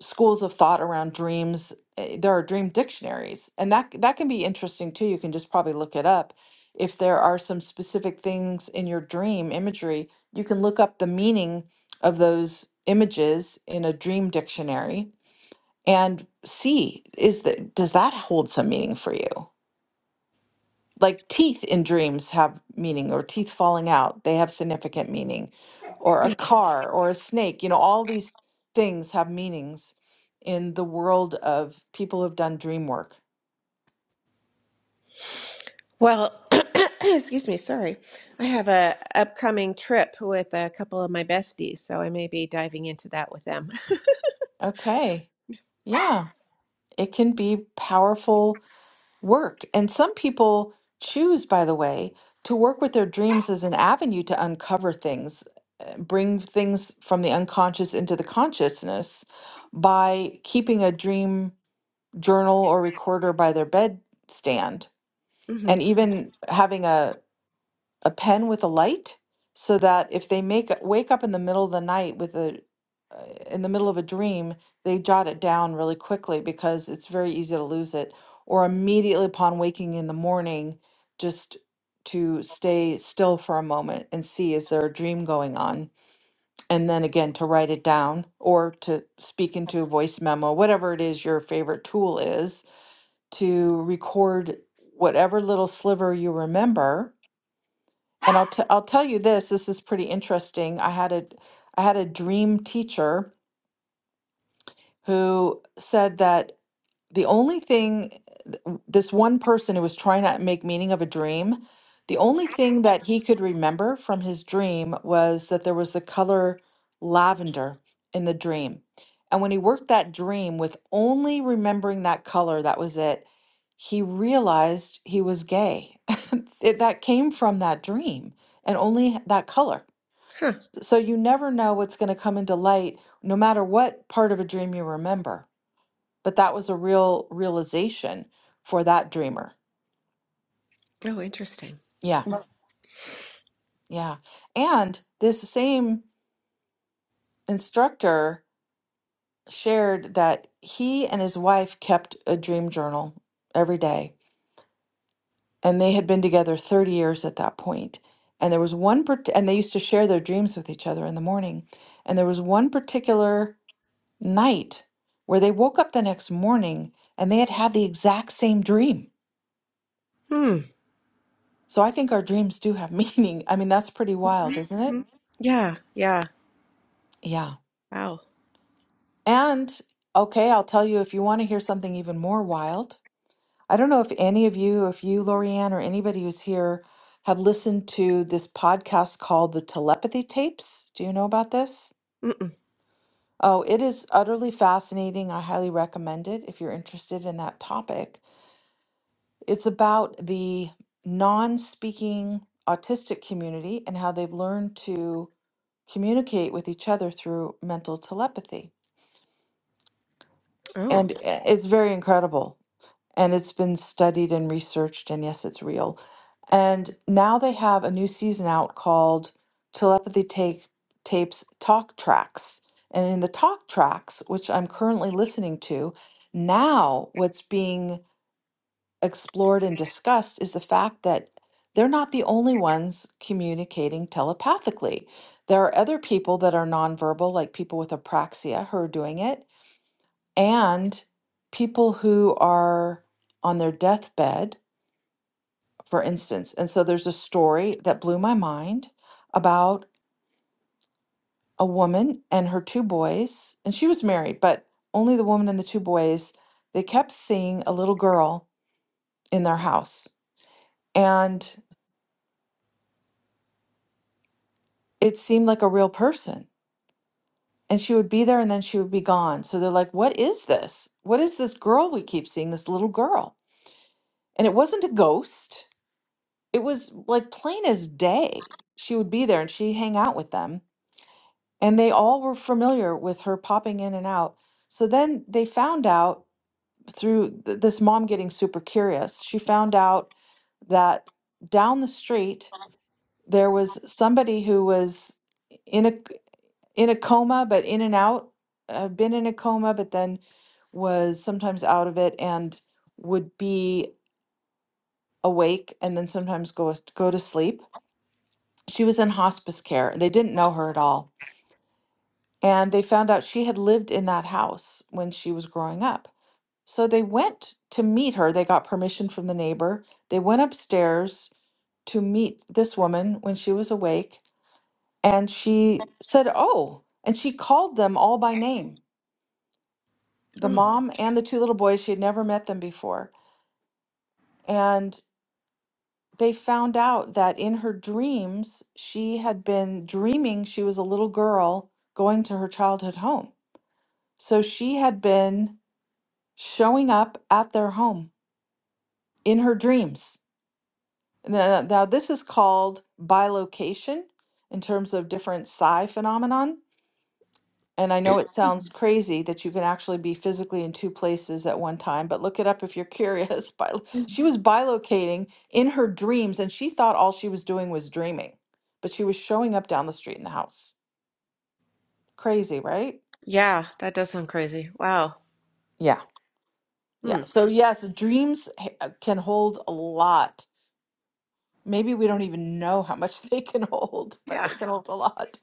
[SPEAKER 1] schools of thought around dreams. eh, There are dream dictionaries, and that that can be interesting too. You can just probably look it up. If there are some specific things in your dream imagery, you can look up the meaning of those images in a dream dictionary and see is that does that hold some meaning for you like teeth in dreams have meaning or teeth falling out they have significant meaning or a car or a snake you know all these things have meanings in the world of people who've done dream work
[SPEAKER 3] Well, [CLEARS THROAT] excuse me, sorry. I have a upcoming trip with a couple of my besties, so I may be diving into that with them.
[SPEAKER 1] okay yeah it can be powerful work. And some people choose, by the way, to work with their dreams as an avenue to uncover things, uh, bring things from the unconscious into the consciousness by keeping a dream journal or recorder by their bedstand.
[SPEAKER 3] hmm
[SPEAKER 1] And even having a a pen with a light so that if they make wake up in the middle of the night with a uh, in the middle of a dream they jot it down really quickly because it's very easy to lose it or immediately upon waking in the morning just to stay still for a moment and see is there a dream going on and then again to write it down or to speak into a voice memo whatever it is your favorite tool is to record whatever little sliver you remember and I'll t- I'll tell you this, this is pretty interesting. I had a I had a dream teacher who said that the only thing this one person who was trying to make meaning of a dream, the only thing that he could remember from his dream was that there was the color lavender in the dream. And when he worked that dream with only remembering that color, that was it, he realized he was gay. [LAUGHS] It- that came from that dream and only that color. S- So you never know what's going to come into light, no matter what part of a dream you remember. But that was a real realization for that dreamer.
[SPEAKER 3] Oh, interesting.
[SPEAKER 1] Yeah, yeah. And this same instructor shared that he and his wife kept a dream journal every day, and they had been together 30 years at that point. And there was one, part- and they used to share their dreams with each other in the morning. And there was one particular night where they woke up the next morning and they had had the exact same dream.
[SPEAKER 3] Hmm.
[SPEAKER 1] So I think our dreams do have [LAUGHS] meaning. I mean, that's pretty wild, isn't it?
[SPEAKER 3] Yeah, yeah.
[SPEAKER 1] Yeah.
[SPEAKER 3] Wow.
[SPEAKER 1] And okay, I'll tell you if you want to hear something even more wild. I don't know if any of you, if you, Lorianne, or anybody who's here have listened to this podcast called The Telepathy Tapes. Do you know about this?
[SPEAKER 3] Mm-mm.
[SPEAKER 1] Oh, it is utterly fascinating. I highly recommend it if you're interested in that topic. It's about the non speaking autistic community and how they've learned to communicate with each other through mental telepathy.
[SPEAKER 3] Oh,
[SPEAKER 1] And i- it's very incredible. And it's been studied and researched, and yes, it's real. And now they have a new season out called Telepathy Take Tapes Talk Tracks. And in the talk tracks, which I'm currently listening to, now what's being explored and discussed is the fact that they're not the only ones communicating telepathically. There are other people that are nonverbal, like people with apraxia who are doing it, and people who are on their deathbed, for instance. And so there's a story that blew my mind about a woman and her two boys, and she was married, but only the woman and the two boys, they kept seeing a little girl in their house. And it seemed like a real person. And she would be there and then she would be gone. So they're like, what is this? What is this girl we keep seeing, this little girl? And it wasn't a ghost, it was like plain as day. She would be there and she'd hang out with them. And they all were familiar with her popping in and out. So then they found out through th- this mom getting super curious, she found out that down the street, there was somebody who was in a in a coma, but in and out. I've been in a coma, but then was sometimes out of it and would be awake and then sometimes go go to sleep. She was in hospice care and they didn't know her at all. And they found out she had lived in that house when she was growing up. So they went to meet her. They got permission from the neighbor. They went upstairs to meet this woman when she was awake and she said, "Oh." And she called them all by name the
[SPEAKER 3] oh.
[SPEAKER 1] mom and the two little boys. She had never met them before. And they found out that in her dreams, she had been dreaming she was a little girl going to her childhood home. So she had been showing up at their home in her dreams. Now, now this is called bilocation in terms of different psi phenomenon And I know it sounds crazy that you can actually be physically in two places at one time, but look it up if you're curious. [LAUGHS] Bi- She was bilocating in her dreams and she thought all she was doing was dreaming, but she was showing up down the street in the house. Crazy, right?
[SPEAKER 3] Yeah, that does sound crazy. Wow.
[SPEAKER 1] Yeah.
[SPEAKER 3] Hmm.
[SPEAKER 1] Yeah. So, yes, dreams h- uh, can hold a lot. Maybe we don't even know how much [LAUGHS] they can hold, but
[SPEAKER 3] Yeah,
[SPEAKER 1] they can hold a lot.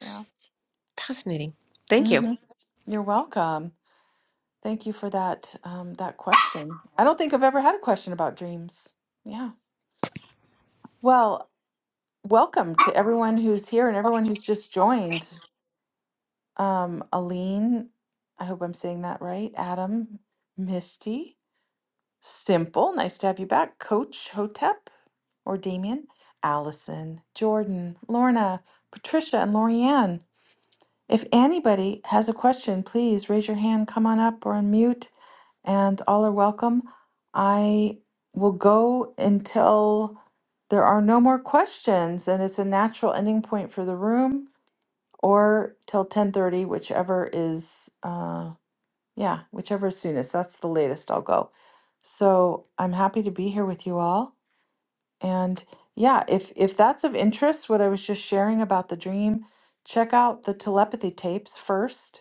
[SPEAKER 1] Yeah.
[SPEAKER 3] fascinating. Thank you.
[SPEAKER 1] hmm You're welcome. Thank you for that um, that question. I don't think I've ever had a question about dreams. Yeah. Well, welcome to everyone who's here and everyone who's just joined. Um, Aline, I hope I'm saying that right. Adam, Misty, Simple, nice to have you back. Coach Hotep or Damien, Allison, Jordan, Lorna, Patricia, and Lorianne. If anybody has a question, please raise your hand, come on up or unmute. and all are welcome. I will go until there are no more questions and it's a natural ending point for the room or till 10:30 whichever is uh yeah, whichever is soonest. That's the latest I'll go. So, I'm happy to be here with you all and yeah, if if that's of interest what I was just sharing about the dream, check out the telepathy tapes first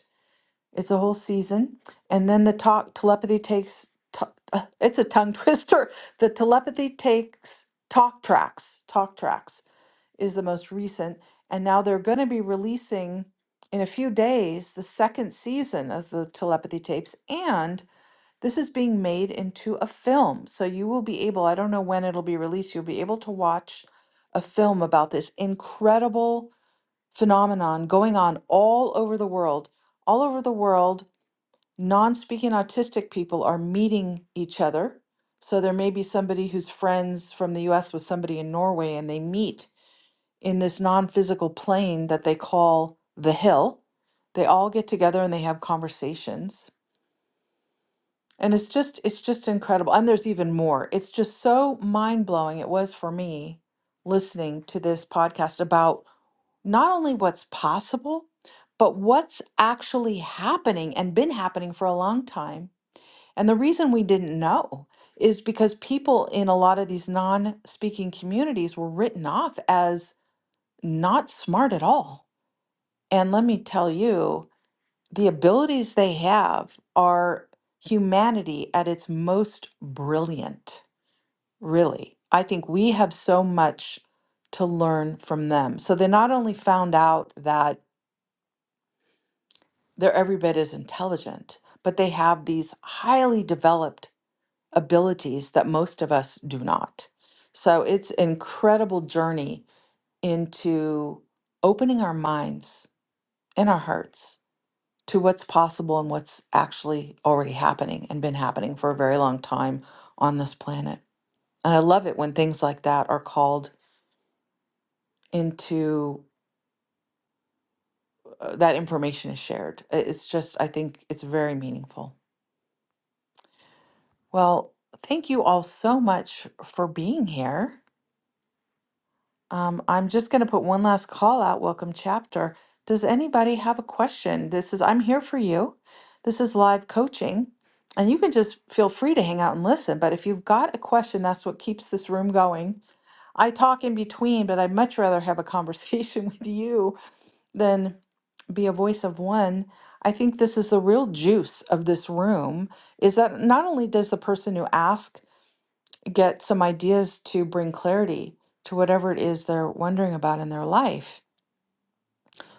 [SPEAKER 1] it's a whole season. And then the talk telepathy takes t- uh, it's a tongue twister. [LAUGHS] The telepathy takes talk tracks. Talk tracks is the most recent. And now they're going to be releasing in a few days the second season of the telepathy tapes and this is being made into a film. So you will be able, I don't know when it'll be released, you'll be able to watch a film about this incredible phenomenon going on all over the world. All over the world non speaking autistic people are meeting each other. So there may be somebody who's friends from the US with somebody in Norway, and they meet in this non physical plane that they call the hill. They all get together and they have conversations. And it's just it's just incredible. And there's even more. It's just so mind-blowing it was for me listening to this podcast about not only what's possible, but what's actually happening and been happening for a long time and the reason we didn't know is because people in a lot of these non speaking communities were written off as not smart at all. And let me tell you, the abilities they have are humanity at its most brilliant, really. I think we have so much to learn from them. So they not only found out that they're every bit as intelligent, but they have these highly developed abilities that most of us do not. So it's an incredible journey into opening our minds and our hearts to what's possible and what's actually already happening and been happening for a very long time on this planet. And I love it when things like that are called into uh, that information is shared. I- It's just I think it's very meaningful. Well, thank you all so much for being here. Um, I'm just going to put one last call out. Welcome, chapter. Does anybody have a question? This is, I'm here for you. This is live coaching, and you can just feel free to hang out and listen. But if you've got a question, that's what keeps this room going. I talk in between, but I'd much rather have a conversation [LAUGHS] with you than be a voice of one. I think this is the real juice of this room is that not only does the person who asks get some ideas to bring clarity to whatever it is they're wondering about in their life,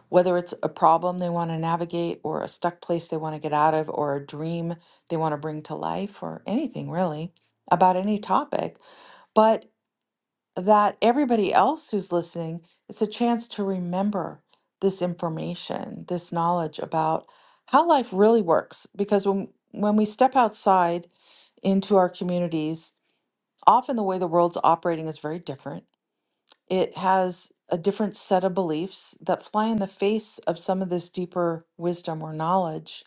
[SPEAKER 1] whether it's a problem they want to navigate or a stuck place they want to get out of or a dream they want to bring to life or anything really about any topic, but that everybody else who's listening, it's a chance to remember this information, this knowledge about how life really works because when when we step outside into our communities, often the way the world's operating is very different It has a different set of beliefs that fly in the face of some of this deeper wisdom or knowledge.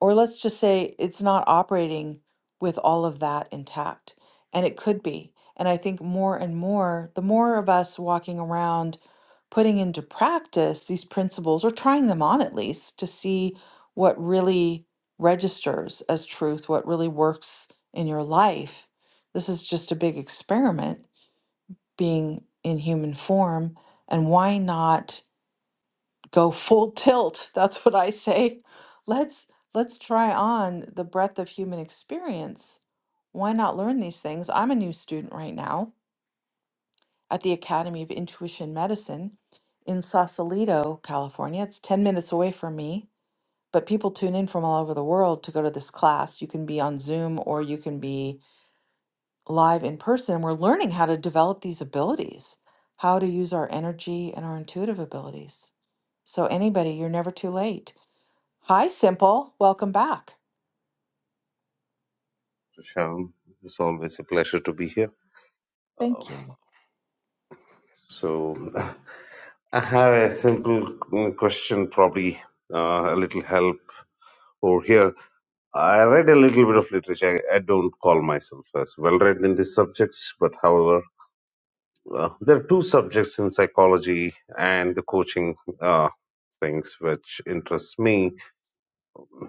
[SPEAKER 1] Or let's just say it's not operating with all of that intact. And it could be. And I think more and more, the more of us walking around putting into practice these principles or trying them on at least to see what really registers as truth, what really works in your life. This is just a big experiment being in human form and why not go full tilt [LAUGHS] that's what i say let's let's try on the breadth of human experience why not learn these things i'm a new student right now at the academy of intuition medicine in sausalito california it's 10 minutes away from me but people tune in from all over the world to go to this class you can be on zoom or you can be live in person. and We're learning how to develop these abilities, how to use our energy and our intuitive abilities. So, anybody, you're never too late. Hi, Simple. Welcome back.
[SPEAKER 4] Prashant. It's always a pleasure to be here. Uh,
[SPEAKER 1] Thank you.
[SPEAKER 4] so, [LAUGHS] I have a simple uh, question, probably uh, a little help over here. I read a little bit of literature. I, I don't call myself as well read in these subjects, but however, uh, there are two subjects in psychology and the coaching uh, things which interests me.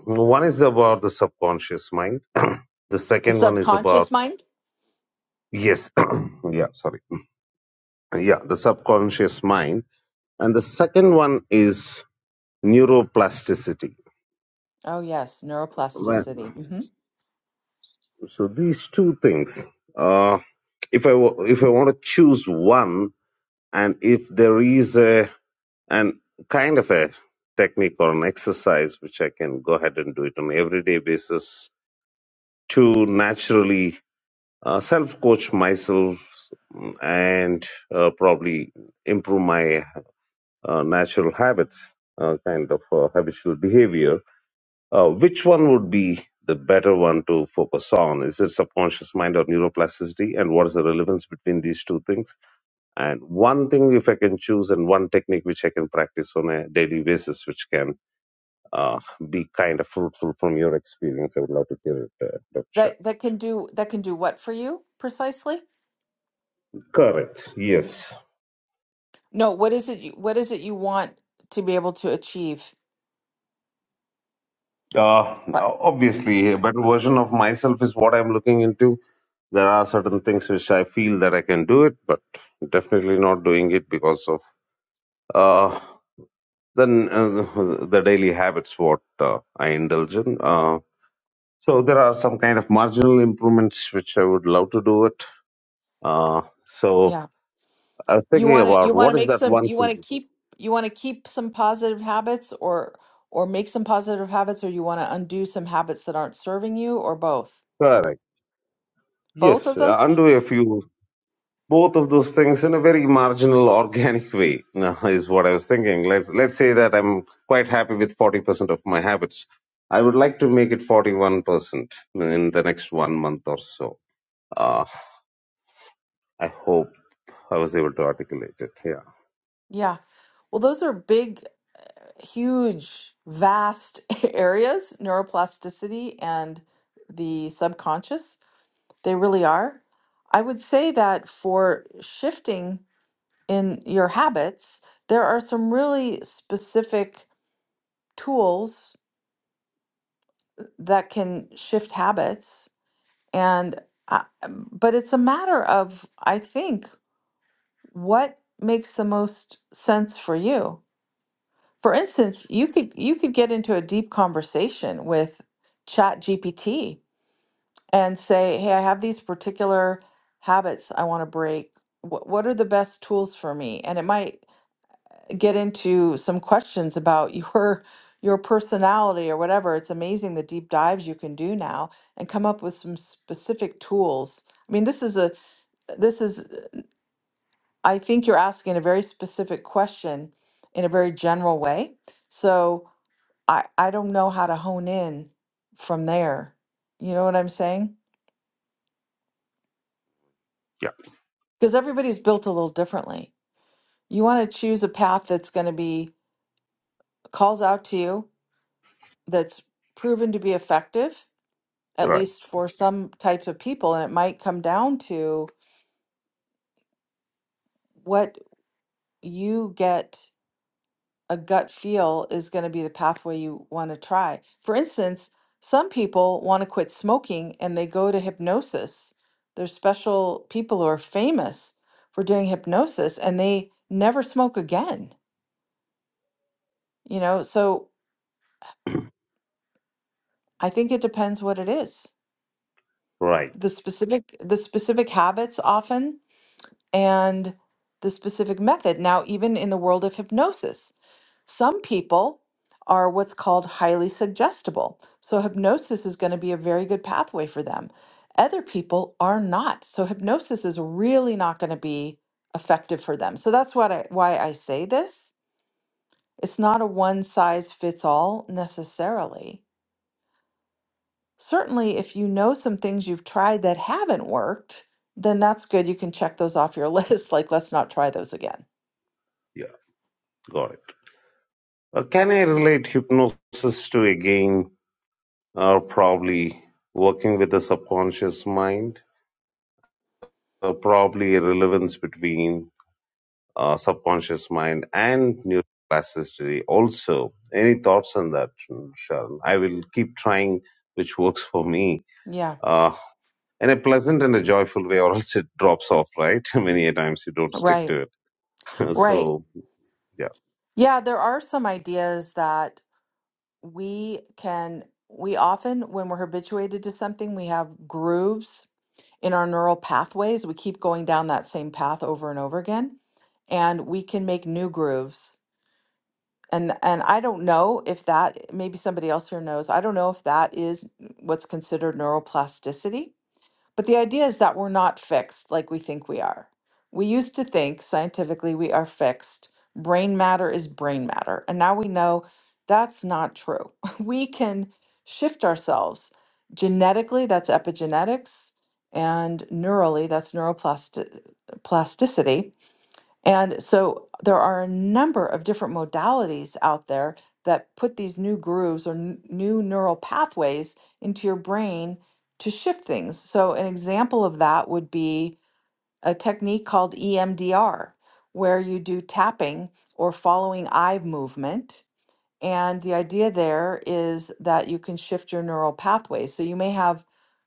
[SPEAKER 4] One is about the subconscious mind. [CLEARS THROAT] the
[SPEAKER 1] The
[SPEAKER 4] second one is
[SPEAKER 1] subconscious
[SPEAKER 4] about
[SPEAKER 1] mind?
[SPEAKER 4] yes, [CLEARS THROAT] yeah, sorry. yeah the subconscious mind and the second one is neuroplasticity
[SPEAKER 1] Oh, yes,
[SPEAKER 4] Well,
[SPEAKER 1] neuroplasticity. hmm
[SPEAKER 4] so these two things uh if i wa- if i want to choose one and if there is a an kind of a technique or an exercise which i can go ahead and do it on an everyday basis to naturally uh, self coach myself and uh, probably improve my uh, natural habits, uh, kind of uh, habitual behavior. Uh, which one would be the better one to focus on? Is it subconscious mind or neuroplasticity? And what is the relevance between these two things? And one thing, if I can choose, and one technique which I can practice on a daily basis, which can uh, be kind of fruitful from your experience, I would love to hear it, uh, Dr. Shah.
[SPEAKER 1] That that can do that can do what for you precisely?
[SPEAKER 4] Correct. Yes.
[SPEAKER 1] No, what is it you, what is it you want to be able to achieve?
[SPEAKER 4] Uh,
[SPEAKER 1] What?
[SPEAKER 4] obviously, a better version of myself is what I'm looking into. There are certain things which I feel that I can do it, but definitely not doing it because of uh, then uh, the daily habits what uh, I indulge in. Uh, so there are some kind of marginal improvements which I would love to do it. Uh, so
[SPEAKER 1] Yeah.
[SPEAKER 4] I was
[SPEAKER 1] You
[SPEAKER 4] thinking
[SPEAKER 1] want to you
[SPEAKER 4] about
[SPEAKER 1] want to
[SPEAKER 4] what is
[SPEAKER 1] make
[SPEAKER 4] that
[SPEAKER 1] some
[SPEAKER 4] one
[SPEAKER 1] you want
[SPEAKER 4] thing.
[SPEAKER 1] to
[SPEAKER 4] to do.
[SPEAKER 1] keep you want to keep some positive habits or or make some positive habits or you want to undo some habits that aren't serving you or both.
[SPEAKER 4] Correct.
[SPEAKER 1] Both of
[SPEAKER 4] Yes, uh,
[SPEAKER 1] those things?
[SPEAKER 4] undo a few. both of those things in a very marginal organic way [LAUGHS] is what i was thinking let's let's say that i'm quite happy with 40% of my habits i would like to make it 41% in the next one month or so uh, i hope i was able to articulate it yeah
[SPEAKER 1] Yeah. Well, those are big, huge, vast [LAUGHS] areas, neuroplasticity and the subconscious. They really are. I would say that for shifting in your habits, there are some really specific tools that can shift habits and uh, um, but it's a matter of i think what makes the most sense for you for instance you could you could get into a deep conversation with chat gpt and say hey i have these particular habits i want to break what, what are the best tools for me and it might get into some questions about [LAUGHS] your your personality or whatever. It's amazing the deep dives you can do now and come up with some specific tools. I mean, this is a this is I think you're asking a very specific question in a very general way. So I I don't know how to hone in from there. You know what I'm saying? Because everybody's built a little differently. You want to choose a path that's going to be calls out to you, that's proven to be effective
[SPEAKER 4] yeah
[SPEAKER 1] at
[SPEAKER 4] right
[SPEAKER 1] least for some types of people. And it might come down to what you get a gut feel is going to be the pathway you want to try. For instance, some people want to quit smoking and they go to hypnosis. There's special people who are famous for doing hypnosis and they never smoke again, you know? So I think it depends what it is.
[SPEAKER 4] right
[SPEAKER 1] The specific the specific habits often and the specific method. Now, even in the world of hypnosis, Some people are what's called highly suggestible. So hypnosis is going to be a very good pathway for them. Other people are not. So hypnosis is really not going to be effective for them. So that's what I why I say this. It's not a one size fits all necessarily. Certainly if you know some things you've tried that haven't worked, then that's good. You can check those off your [LAUGHS] list like let's not try those again
[SPEAKER 4] yeah got it uh, can i relate hypnosis to a game or probably working with the subconscious mind or probably a relevance between uh, subconscious mind and neuroplasticity also any thoughts on that sharon i will keep trying which works for me
[SPEAKER 1] Yeah,
[SPEAKER 4] uh, in a pleasant and a joyful way or else it drops off right [LAUGHS] many a times you don't stick
[SPEAKER 1] right,
[SPEAKER 4] to it [LAUGHS]
[SPEAKER 1] right.
[SPEAKER 4] so yeah
[SPEAKER 1] Yeah, there are some ideas that we can, we often, when we're habituated to something, we have grooves in our neural pathways. We keep going down that same path over and over again, and we can make new grooves. And and I don't know if that maybe somebody else here knows. I don't know if that is what's considered neuroplasticity, but the idea is that we're not fixed like we think we are. We used to think scientifically we are fixed. Brain matter is brain matter. And now we know that's not true. [LAUGHS] We can shift ourselves. Genetically, that's epigenetics, and neurally, that's neuroplasticity and so there are a number of different modalities out there that put these new grooves or n- new neural pathways into your brain to shift things. So, an example of that would be a technique called EMDR, where you do tapping or following eye movement. And the idea there is that you can shift your neural pathways. So, you may have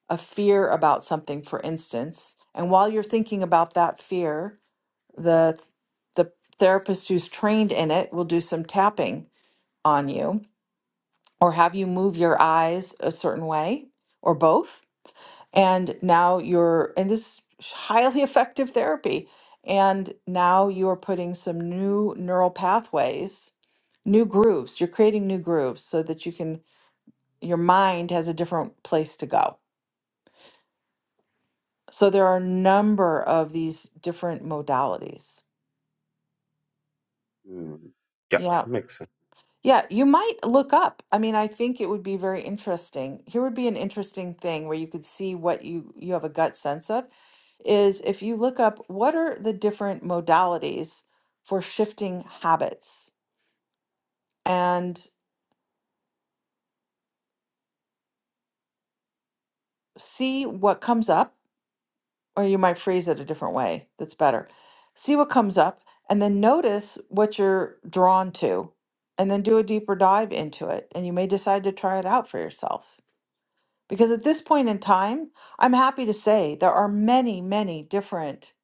[SPEAKER 1] a fear about something, for instance. And while you're thinking about that fear, the the therapist who's trained in it will do some tapping on you or have you move your eyes a certain way or both and now you're and this is highly [LAUGHS] effective therapy and now you're putting some new neural pathways new grooves you're creating new grooves so that you can your mind has a different place to go so there are a number of these different modalities
[SPEAKER 4] Mm, yeah
[SPEAKER 1] Yeah.
[SPEAKER 4] makes sense
[SPEAKER 1] Yeah, you might look up. I mean, I think it would be very interesting. Here would be an interesting thing where you could see what you you have a gut sense of is if you look up what are the different modalities for shifting habits and see what comes up, or you might phrase it a different way. That's better. See what comes up and then notice what you're drawn to and then do a deeper dive into it and you may decide to try it out for yourself. Because at this point in time, I'm happy to say there are many, many different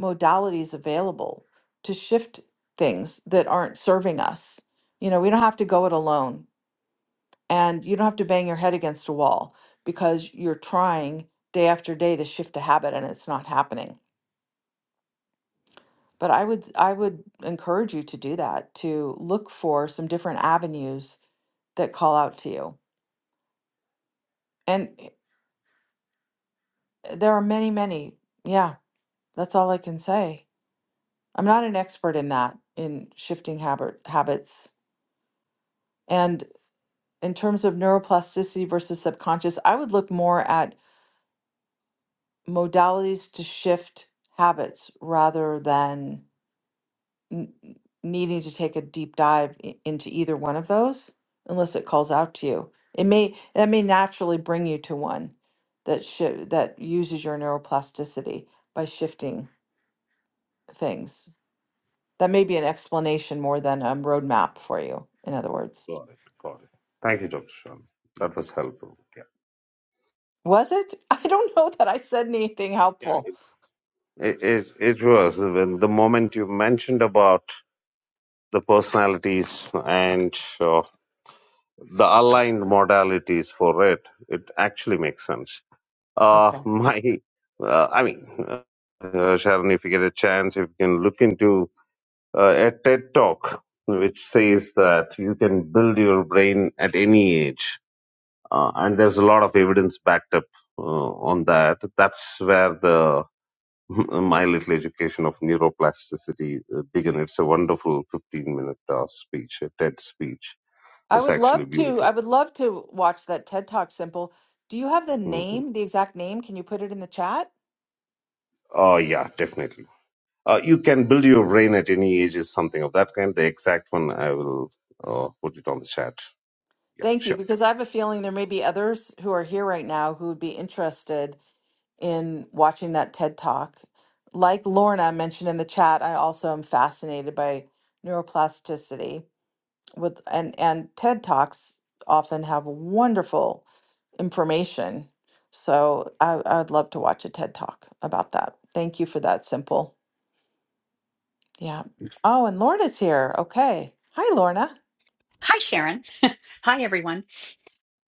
[SPEAKER 1] modalities available to shift things that aren't serving us. You know, we don't have to go it alone and you don't have to bang your head against a wall because you're trying day after day to shift a habit and it's not happening. But I would I would encourage you to do that, to look for some different avenues that call out to you. And eh, there are many, many. Yeah, that's all I can say. I'm not an expert in that, in shifting habit, habits. And in terms of neuroplasticity versus subconscious, I would look more at modalities to shift habits rather than n- needing to take a deep dive i- into either one of those, unless it calls out to you. It may that may naturally bring you to one that shi that uses your neuroplasticity by shifting things. That may be an explanation more than a roadmap for you, in other words.
[SPEAKER 4] got it got it thank you dr sharon that was helpful yeah
[SPEAKER 1] Was it? [LAUGHS] I don't know that I said anything
[SPEAKER 4] yeah
[SPEAKER 1] helpful.
[SPEAKER 4] it, it, it was when the moment you mentioned about the personalities and uh, the aligned modalities for it, it actually makes sense. Uh, [LAUGHS]
[SPEAKER 1] Okay.
[SPEAKER 4] my, uh, I mean, uh, uh, Sharon, if you get a chance, if you can look into uh, a TED talk which says that you can build your brain at any age, uh, and there's a lot of evidence backed up uh, on that. That's where the [LAUGHS] my little education of neuroplasticity uh, began. It's a wonderful 15 minute uh, speech, a TED speech.
[SPEAKER 1] I
[SPEAKER 4] It's
[SPEAKER 1] would
[SPEAKER 4] actually
[SPEAKER 1] love to
[SPEAKER 4] beautiful.
[SPEAKER 1] I would love to watch that TED Talk simple. Do you have the
[SPEAKER 4] Mm-hmm.
[SPEAKER 1] name, the exact name? Can you put it in the chat?
[SPEAKER 4] Oh, yeah, definitely. Uh, you can build your brain at any age is something of that kind. The exact one, I will uh, put it on the chat. Yeah,
[SPEAKER 1] Thank you,
[SPEAKER 4] sure.
[SPEAKER 1] because I have a feeling there may be others who are here right now who would be interested in watching that TED Talk. Like Lorna mentioned in the chat, I also am fascinated by neuroplasticity. with and and TED Talks often have wonderful information. So I I would love to watch a TED Talk about that. Thank you for that, Simple. Yeah. Oh, and Lorna's here. Okay. Hi, Lorna.
[SPEAKER 5] Hi, Sharon. [LAUGHS] Hi, everyone.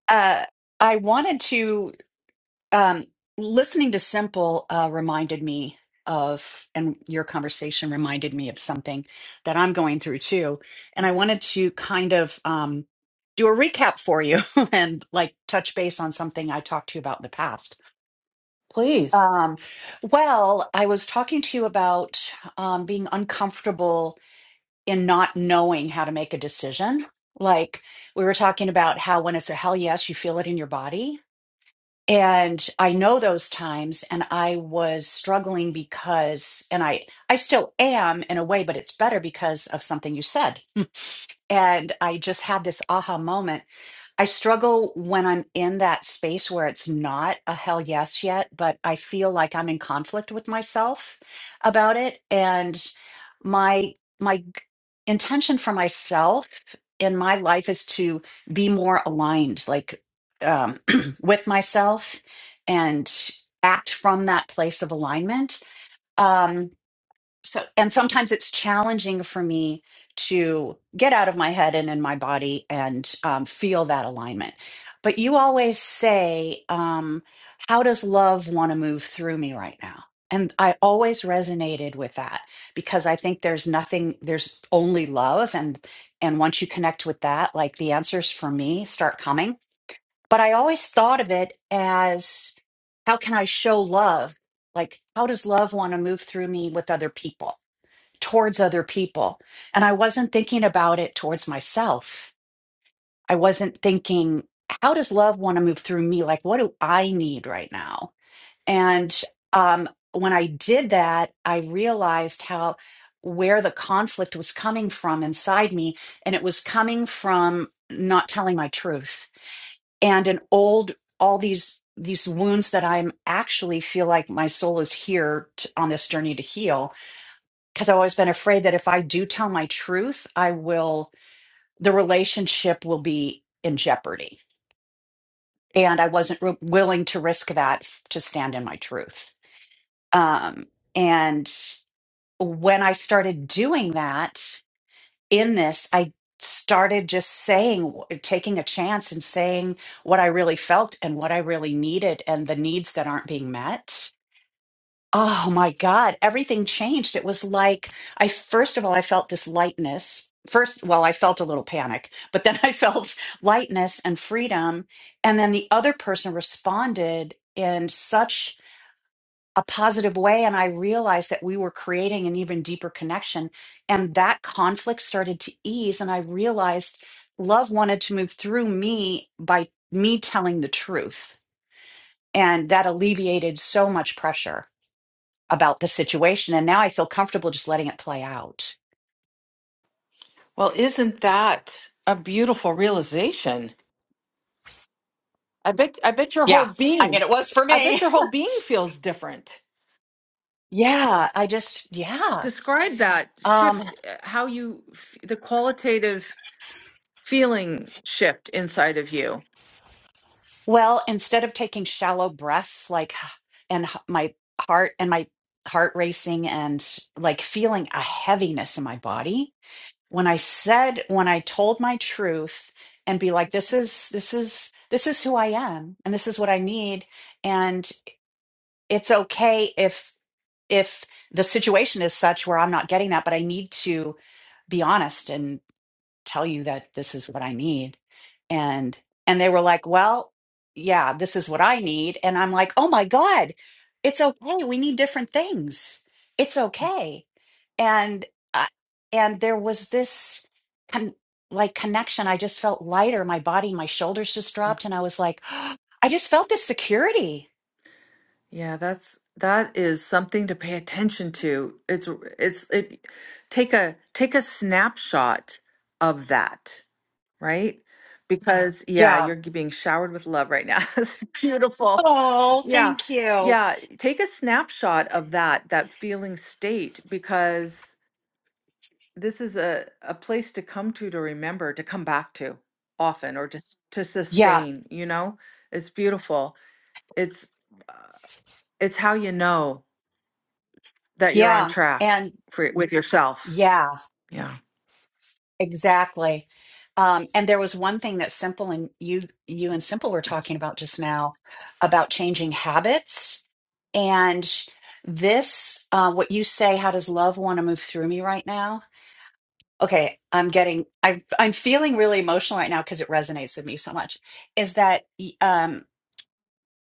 [SPEAKER 5] Uh, I wanted to, um, listening to Simple uh, reminded me of, and your conversation reminded me of something that I'm going through too. And I wanted to kind of um, do a recap for you [LAUGHS] and like touch base on something I talked to you about in the past.
[SPEAKER 1] Please.
[SPEAKER 5] Um, well, I was talking to you about um, being uncomfortable in not knowing how to make a decision. Like we were talking about how when it's a hell yes, you feel it in your body and i know those times and i was struggling because and i i still am in a way but it's better because of something you said [LAUGHS] and i just had this aha moment i struggle when i'm in that space where it's not a hell yes yet but i feel like i'm in conflict with myself about it and my my g- intention for myself in my life is to be more aligned like um, with myself and act from that place of alignment. Um, so, and sometimes it's challenging for me to get out of my head and in my body and um, feel that alignment. But you always say, um, How does love want to move through me right now? And I always resonated with that because I think there's nothing, there's only love. And and once you connect with that, like the answers for me start coming but I always thought of it as how can I show love? Like, how does love want to move through me with other people, towards other people? And I wasn't thinking about it towards myself. I wasn't thinking, how does love want to move through me? Like, what do I need right now? And um, when I did that, I realized how where the conflict was coming from inside me. And it was coming from not telling my truth and an old all these these wounds that i'm actually feel like my soul is here to, on this journey to heal because i've always been afraid that if i do tell my truth i will the relationship will be in jeopardy and i wasn't re- willing to risk that f- to stand in my truth um and when i started doing that in this, I started just saying, taking a chance and saying what I really felt and what I really needed and the needs that aren't being met. Oh my God, everything changed. It was like, I first of all, I felt this lightness. First, well, I felt a little panic, but then [LAUGHS] I felt lightness and freedom. And then the other person responded in such a positive way. And I realized that we were creating an even deeper connection. And that conflict started to ease. And I realized love wanted to move through me by me telling the truth. And that alleviated so much pressure about the situation. And now I feel comfortable just letting it play out.
[SPEAKER 1] Well, isn't that a beautiful realization? I bet I bet your
[SPEAKER 5] Yeah.
[SPEAKER 1] whole
[SPEAKER 5] I
[SPEAKER 1] being
[SPEAKER 5] mean, it was for
[SPEAKER 1] I bet
[SPEAKER 5] me.
[SPEAKER 1] your
[SPEAKER 5] [LAUGHS]
[SPEAKER 1] whole being feels different.
[SPEAKER 5] Yeah. I just, yeah.
[SPEAKER 1] Describe that
[SPEAKER 5] Um,
[SPEAKER 1] shift, uh, how you f- the qualitative feeling shift inside of you.
[SPEAKER 5] Well, instead of taking shallow breaths, like, [SIGHS] and h- my heart and my heart racing and like feeling a heaviness in my body, when I said, when I told my truth and be like, this is, this is, this is who I am and this is what I need. And it's okay if, if the situation is such where I'm not getting that, but I need to be honest and tell you that this is what I need. And and they were like, "Well, yeah, this is what I need." And I'm like, "Oh my God, it's okay. We need different things. It's okay." And I and there was this con- like connection. I just felt lighter. My body, my shoulders just dropped, and I was like, [GASPS] "I just felt this security."
[SPEAKER 1] Yeah, that's that is something to pay attention to. It's it's it take a take a snapshot of that, right? Because yeah,
[SPEAKER 5] Yeah.
[SPEAKER 1] you're g- being showered with love right now. [LAUGHS] It's Beautiful.
[SPEAKER 5] Oh,
[SPEAKER 1] Yeah.
[SPEAKER 5] thank you.
[SPEAKER 1] Yeah, take a snapshot of that that feeling state because this is a a place to come to to remember, to come back to often or just to
[SPEAKER 5] Yeah.
[SPEAKER 1] sustain, you know? It's beautiful. It's uh, it's how you know. that you're on
[SPEAKER 5] Yeah.
[SPEAKER 1] track
[SPEAKER 5] And
[SPEAKER 1] for with yourself.
[SPEAKER 5] yeah.
[SPEAKER 1] Yeah.
[SPEAKER 5] Exactly. Um, and there was one thing that Simple and you you and Simple were talking about just now about changing habits. And this, uh, what you say, how does love want to move through me right now? Okay, I'm getting, I'm, I'm feeling really emotional right now because it resonates with me so much. Is that um,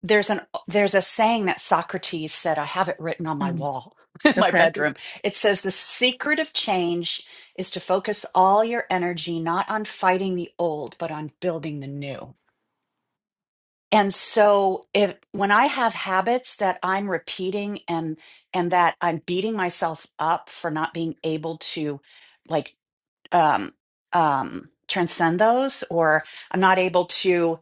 [SPEAKER 5] there's an there's a saying that Socrates said I have it written on my
[SPEAKER 1] Mm,
[SPEAKER 5] wall [LAUGHS] in my
[SPEAKER 1] Okay.
[SPEAKER 5] bedroom. It says the secret of change is to focus all your energy not on fighting the old but on building the new. And so if when I have habits that I'm repeating and and that I'm beating myself up for not being able to like um um transcend those or I'm not able to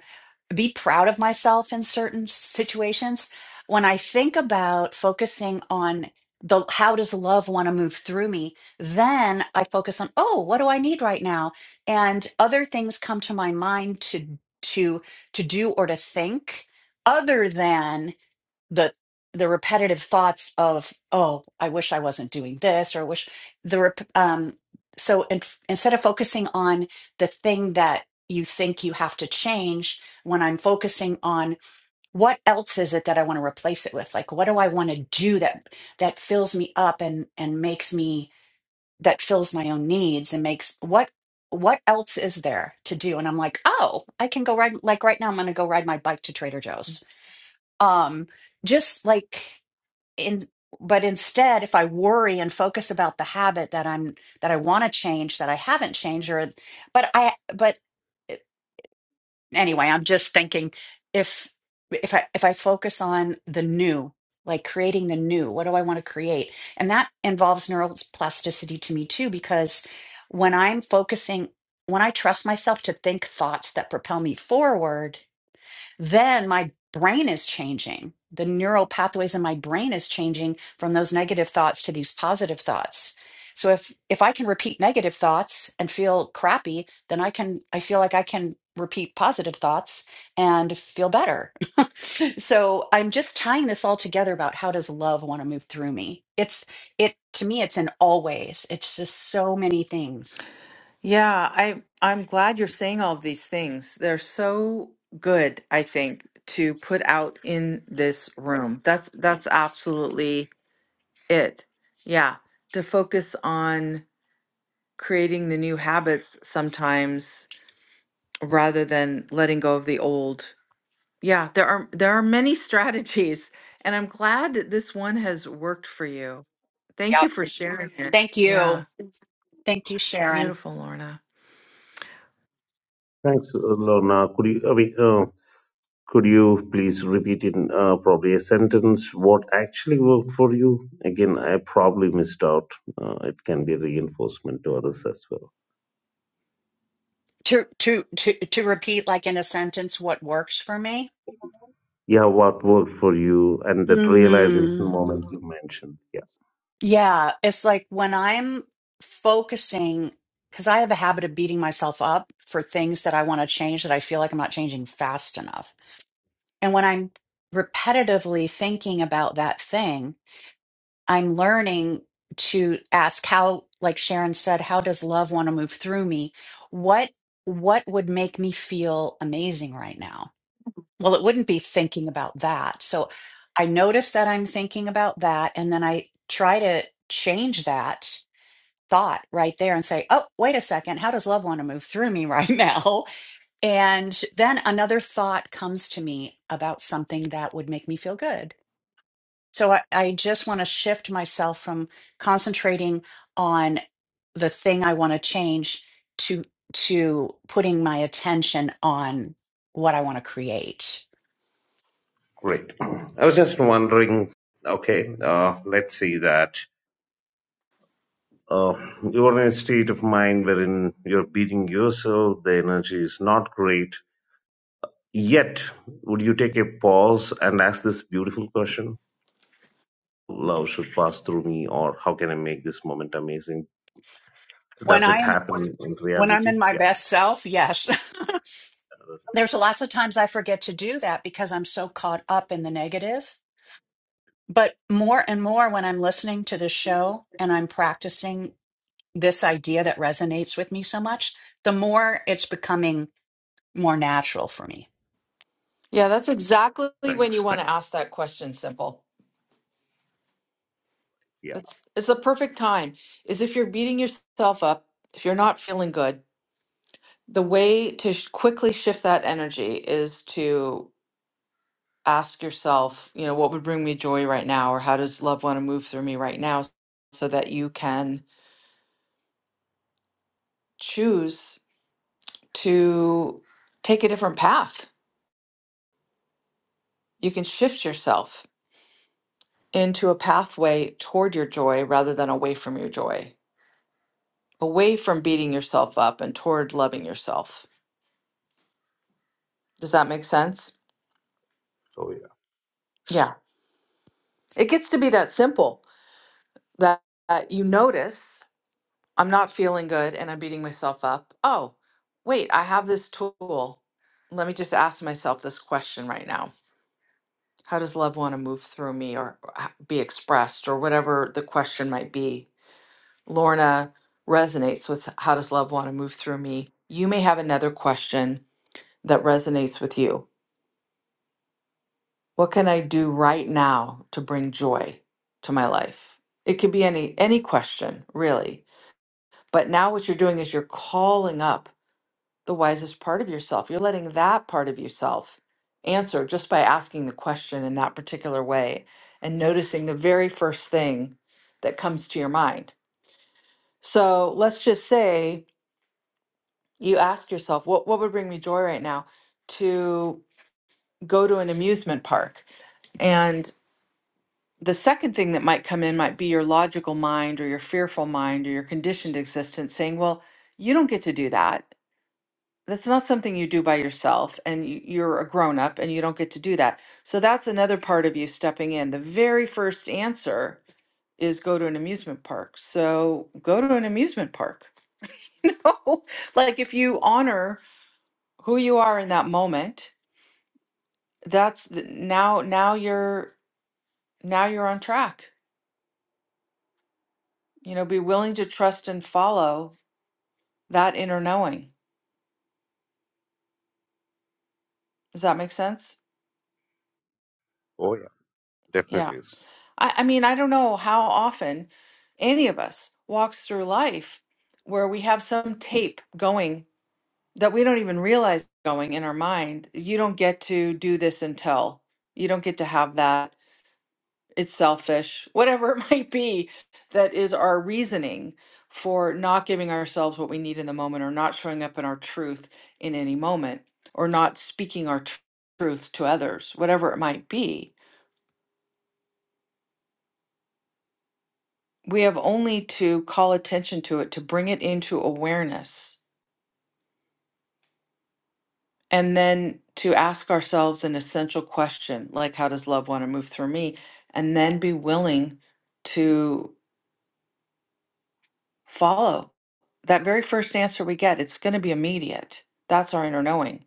[SPEAKER 5] be proud of myself in certain situations when i think about focusing on the how does love want to move through me then i focus on oh what do i need right now and other things come to my mind to to to do or to think other than the the repetitive thoughts of oh i wish i wasn't doing this or I wish the rep- um so in, instead of focusing on the thing that you think you have to change when i'm focusing on what else is it that i want to replace it with like what do i want to do that that fills me up and and makes me that fills my own needs and makes what what else is there to do and i'm like oh i can go ride like right now i'm going to go ride my bike to trader joe's um just like in but instead if i worry and focus about the habit that i'm that i want to change that i haven't changed or but i but eh, anyway i'm just thinking if if i if i focus on the new like creating the new what do i want to create and that involves neuroplasticity to me too because when i'm focusing when i trust myself to think thoughts that propel me forward then my brain is changing. The neural pathways in my brain is changing from those negative thoughts to these positive thoughts. So if if I can repeat negative thoughts and feel crappy, then I can I feel like I can repeat positive thoughts and feel better. [LAUGHS] so I'm just tying this all together about how does love want to move through me? It's it to me it's in all ways. It's just so many things.
[SPEAKER 1] Yeah, I I'm glad you're saying all of these things. They're so good, I think, to put out in this room. That's that's absolutely it. Yeah, to focus on creating the new habits sometimes rather than letting go of the old Yeah, there are there are many [LAUGHS] strategies, and I'm glad that this one has worked for you. Thank you
[SPEAKER 5] Yep.
[SPEAKER 1] for Thank you. sharing it.
[SPEAKER 5] Thank you.
[SPEAKER 1] Yeah,
[SPEAKER 5] Thank you, Sharon.
[SPEAKER 1] beautiful, Lorna.
[SPEAKER 4] Thanks, uh, Lorna. Could you, I mean, uh, could you please repeat in uh, probably a sentence what actually worked for you? Again, I probably missed out. Uh, it can be reinforcement to others as well.
[SPEAKER 5] To to to to repeat like in a sentence what works for me.
[SPEAKER 4] yeah, what worked for you and that realization
[SPEAKER 5] Mm,
[SPEAKER 4] moment you mentioned. Yeah,
[SPEAKER 5] Yeah, it's like when I'm focusing because I have a habit of beating myself up for things that I want to change that I feel like I'm not changing fast enough. And when I'm repetitively thinking about that thing, I'm learning to ask how, like Sharon said, how does love want to move through me? What what would make me feel amazing right now? Well, it wouldn't be thinking about that. So I notice that I'm thinking about that, and then I try to change that thought right there and say, oh, wait a second, how does love want to move through me right [LAUGHS] now? And then another thought comes to me about something that would make me feel good. So I, I just want to shift myself from concentrating on the thing I want to change to to putting my attention on what I want to create.
[SPEAKER 4] great. [CLEARS THROAT] I was just wondering, okay, uh, let's see that. Uh, you're in a state of mind wherein you're beating yourself, the energy is not great. Yet, would you take a pause and ask this beautiful question? Love should pass through me, or how can I make this moment amazing?
[SPEAKER 5] When
[SPEAKER 4] Does
[SPEAKER 5] I
[SPEAKER 4] it
[SPEAKER 5] am
[SPEAKER 4] happen in
[SPEAKER 5] When I'm in
[SPEAKER 4] reality?
[SPEAKER 5] my
[SPEAKER 4] Yeah,
[SPEAKER 5] best self, yes. [LAUGHS] There's lots of times I forget to do that because I'm so caught up in the negative. But more and more when I'm listening to the show and I'm practicing this idea that resonates with me so much, the more it's becoming more natural for me.
[SPEAKER 1] Yeah, that's exactly when you
[SPEAKER 4] thanks. Thank
[SPEAKER 1] want to ask that question, simple.
[SPEAKER 4] Yeah,
[SPEAKER 1] It's it's the perfect time is if you're beating yourself up, if you're not feeling good, the way to sh- quickly shift that energy is to ask yourself, you know, what would bring me joy right now or how does love want to move through me right now so that you can choose to take a different path. You can shift yourself into a pathway toward your joy rather than away from your joy, away from beating yourself up and toward loving yourself. Does that make sense?
[SPEAKER 4] Oh yeah.
[SPEAKER 1] Yeah. It gets to be that simple that, that you notice I'm not feeling good and I'm beating myself up. Oh, wait, I have this tool. Let me just ask myself this question right now. How does love want to move through me or h- be expressed or whatever the question might be? Lorna resonates with how does love want to move through me? You may have another question that resonates with you. What can I do right now to bring joy to my life? It could be any any question, really. But now what you're doing is you're calling up the wisest part of yourself. You're letting that part of yourself answer just by asking the question in that particular way and noticing the very first thing that comes to your mind. So let's just say you ask yourself what what would bring me joy right now to go to an amusement park and the second thing that might come in might be your logical mind or your fearful mind or your conditioned existence saying well you don't get to do that that's not something you do by yourself and y- you're a grown up and you don't get to do that so that's another part of you stepping in the very first answer is go to an amusement park so go to an amusement park [LAUGHS] you know like if you honor who you are in that moment that's the, now now you're now you're on track you know be willing to trust and follow that inner knowing does that make sense
[SPEAKER 4] Oh yeah.
[SPEAKER 1] yeah
[SPEAKER 4] Definitely.
[SPEAKER 1] i, I mean i don't know how often any of us walks through life where we have some tape going that we don't even realize going in our mind you don't get to do this until you don't get to have that it's selfish, whatever it [LAUGHS] might be, that is our reasoning for not giving ourselves what we need in the moment or not showing up in our truth in any moment or not speaking our tr- truth to others, whatever it might be. We have only to call attention to it, to bring it into awareness, and then to ask ourselves an essential question like, How does love want to move through me? And then be willing to follow that very first answer we get it's going to be immediate that's our inner knowing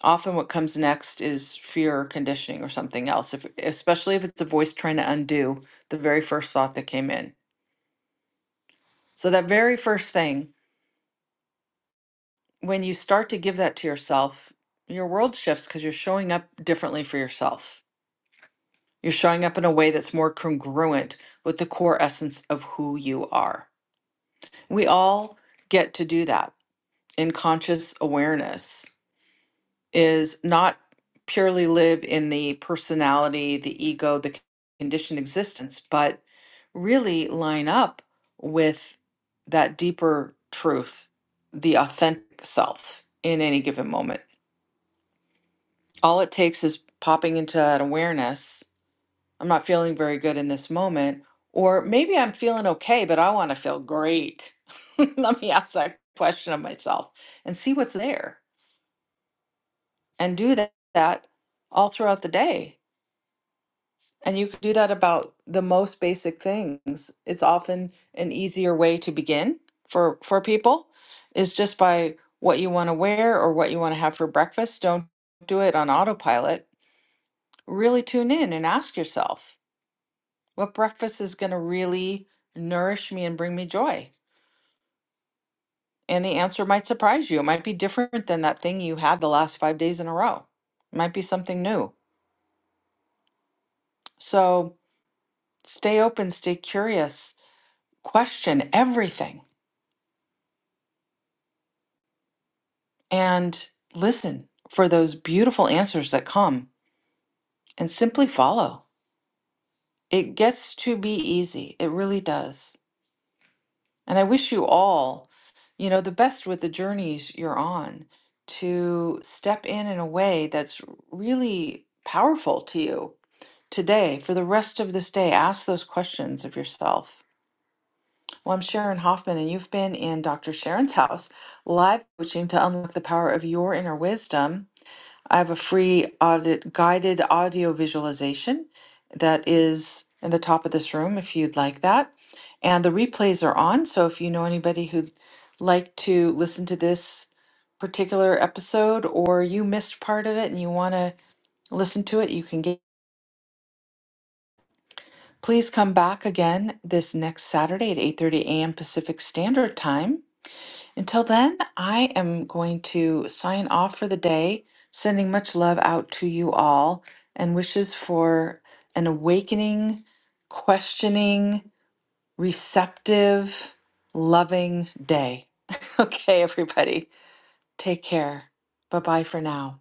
[SPEAKER 1] often what comes next is fear or conditioning or something else if, especially if it's a voice trying to undo the very first thought that came in so that very first thing when you start to give that to yourself your world shifts because you're showing up differently for yourself you're showing up in a way that's more congruent with the core essence of who you are we all get to do that in conscious awareness is not purely live in the personality, the ego, the c- conditioned existence, but really line up with that deeper truth, the authentic self in any given moment. All it takes is popping into that awareness. I'm not feeling very good in this moment, or maybe I'm feeling okay, but I want to feel great. [LAUGHS] Let me ask that question of myself and see what's there and do that, that all throughout the day And you can do that about the most basic things. It's often an easier way to begin for for people is just by what you want to wear or what you want to have for breakfast. Don't do it on autopilot. Really tune in and ask yourself, what breakfast is going to really nourish me and bring me joy? And the answer might surprise you. It might be different than that thing you had the last 5 days in a row. It might be something new. So, stay open, stay curious, question everything and listen for those beautiful answers that come and simply follow. It gets to be easy. It really does. And I wish you all, you know, the best with the journeys you're on to step in in a way that's really powerful to you today for the rest of this day. Ask those questions of yourself. Well, I'm Sharon Hoffman, and you've been in Dr. Sharon's [LAUGHS] house live coaching to unlock the power of your inner wisdom. I have a free audit guided audio visualization that is in the top of this room if you'd like that. And the replays are on, so if you know anybody who'd like to listen to this particular episode or you missed part of it and you want to listen to it, you can get please come back again this next Saturday at 8:30 a.m. Pacific Standard Time Until then, I am going to sign off for the day, sending much love out to you all and wishes for an awakening, questioning, receptive, loving day. [LAUGHS] okay, everybody, take care. Bye bye for now.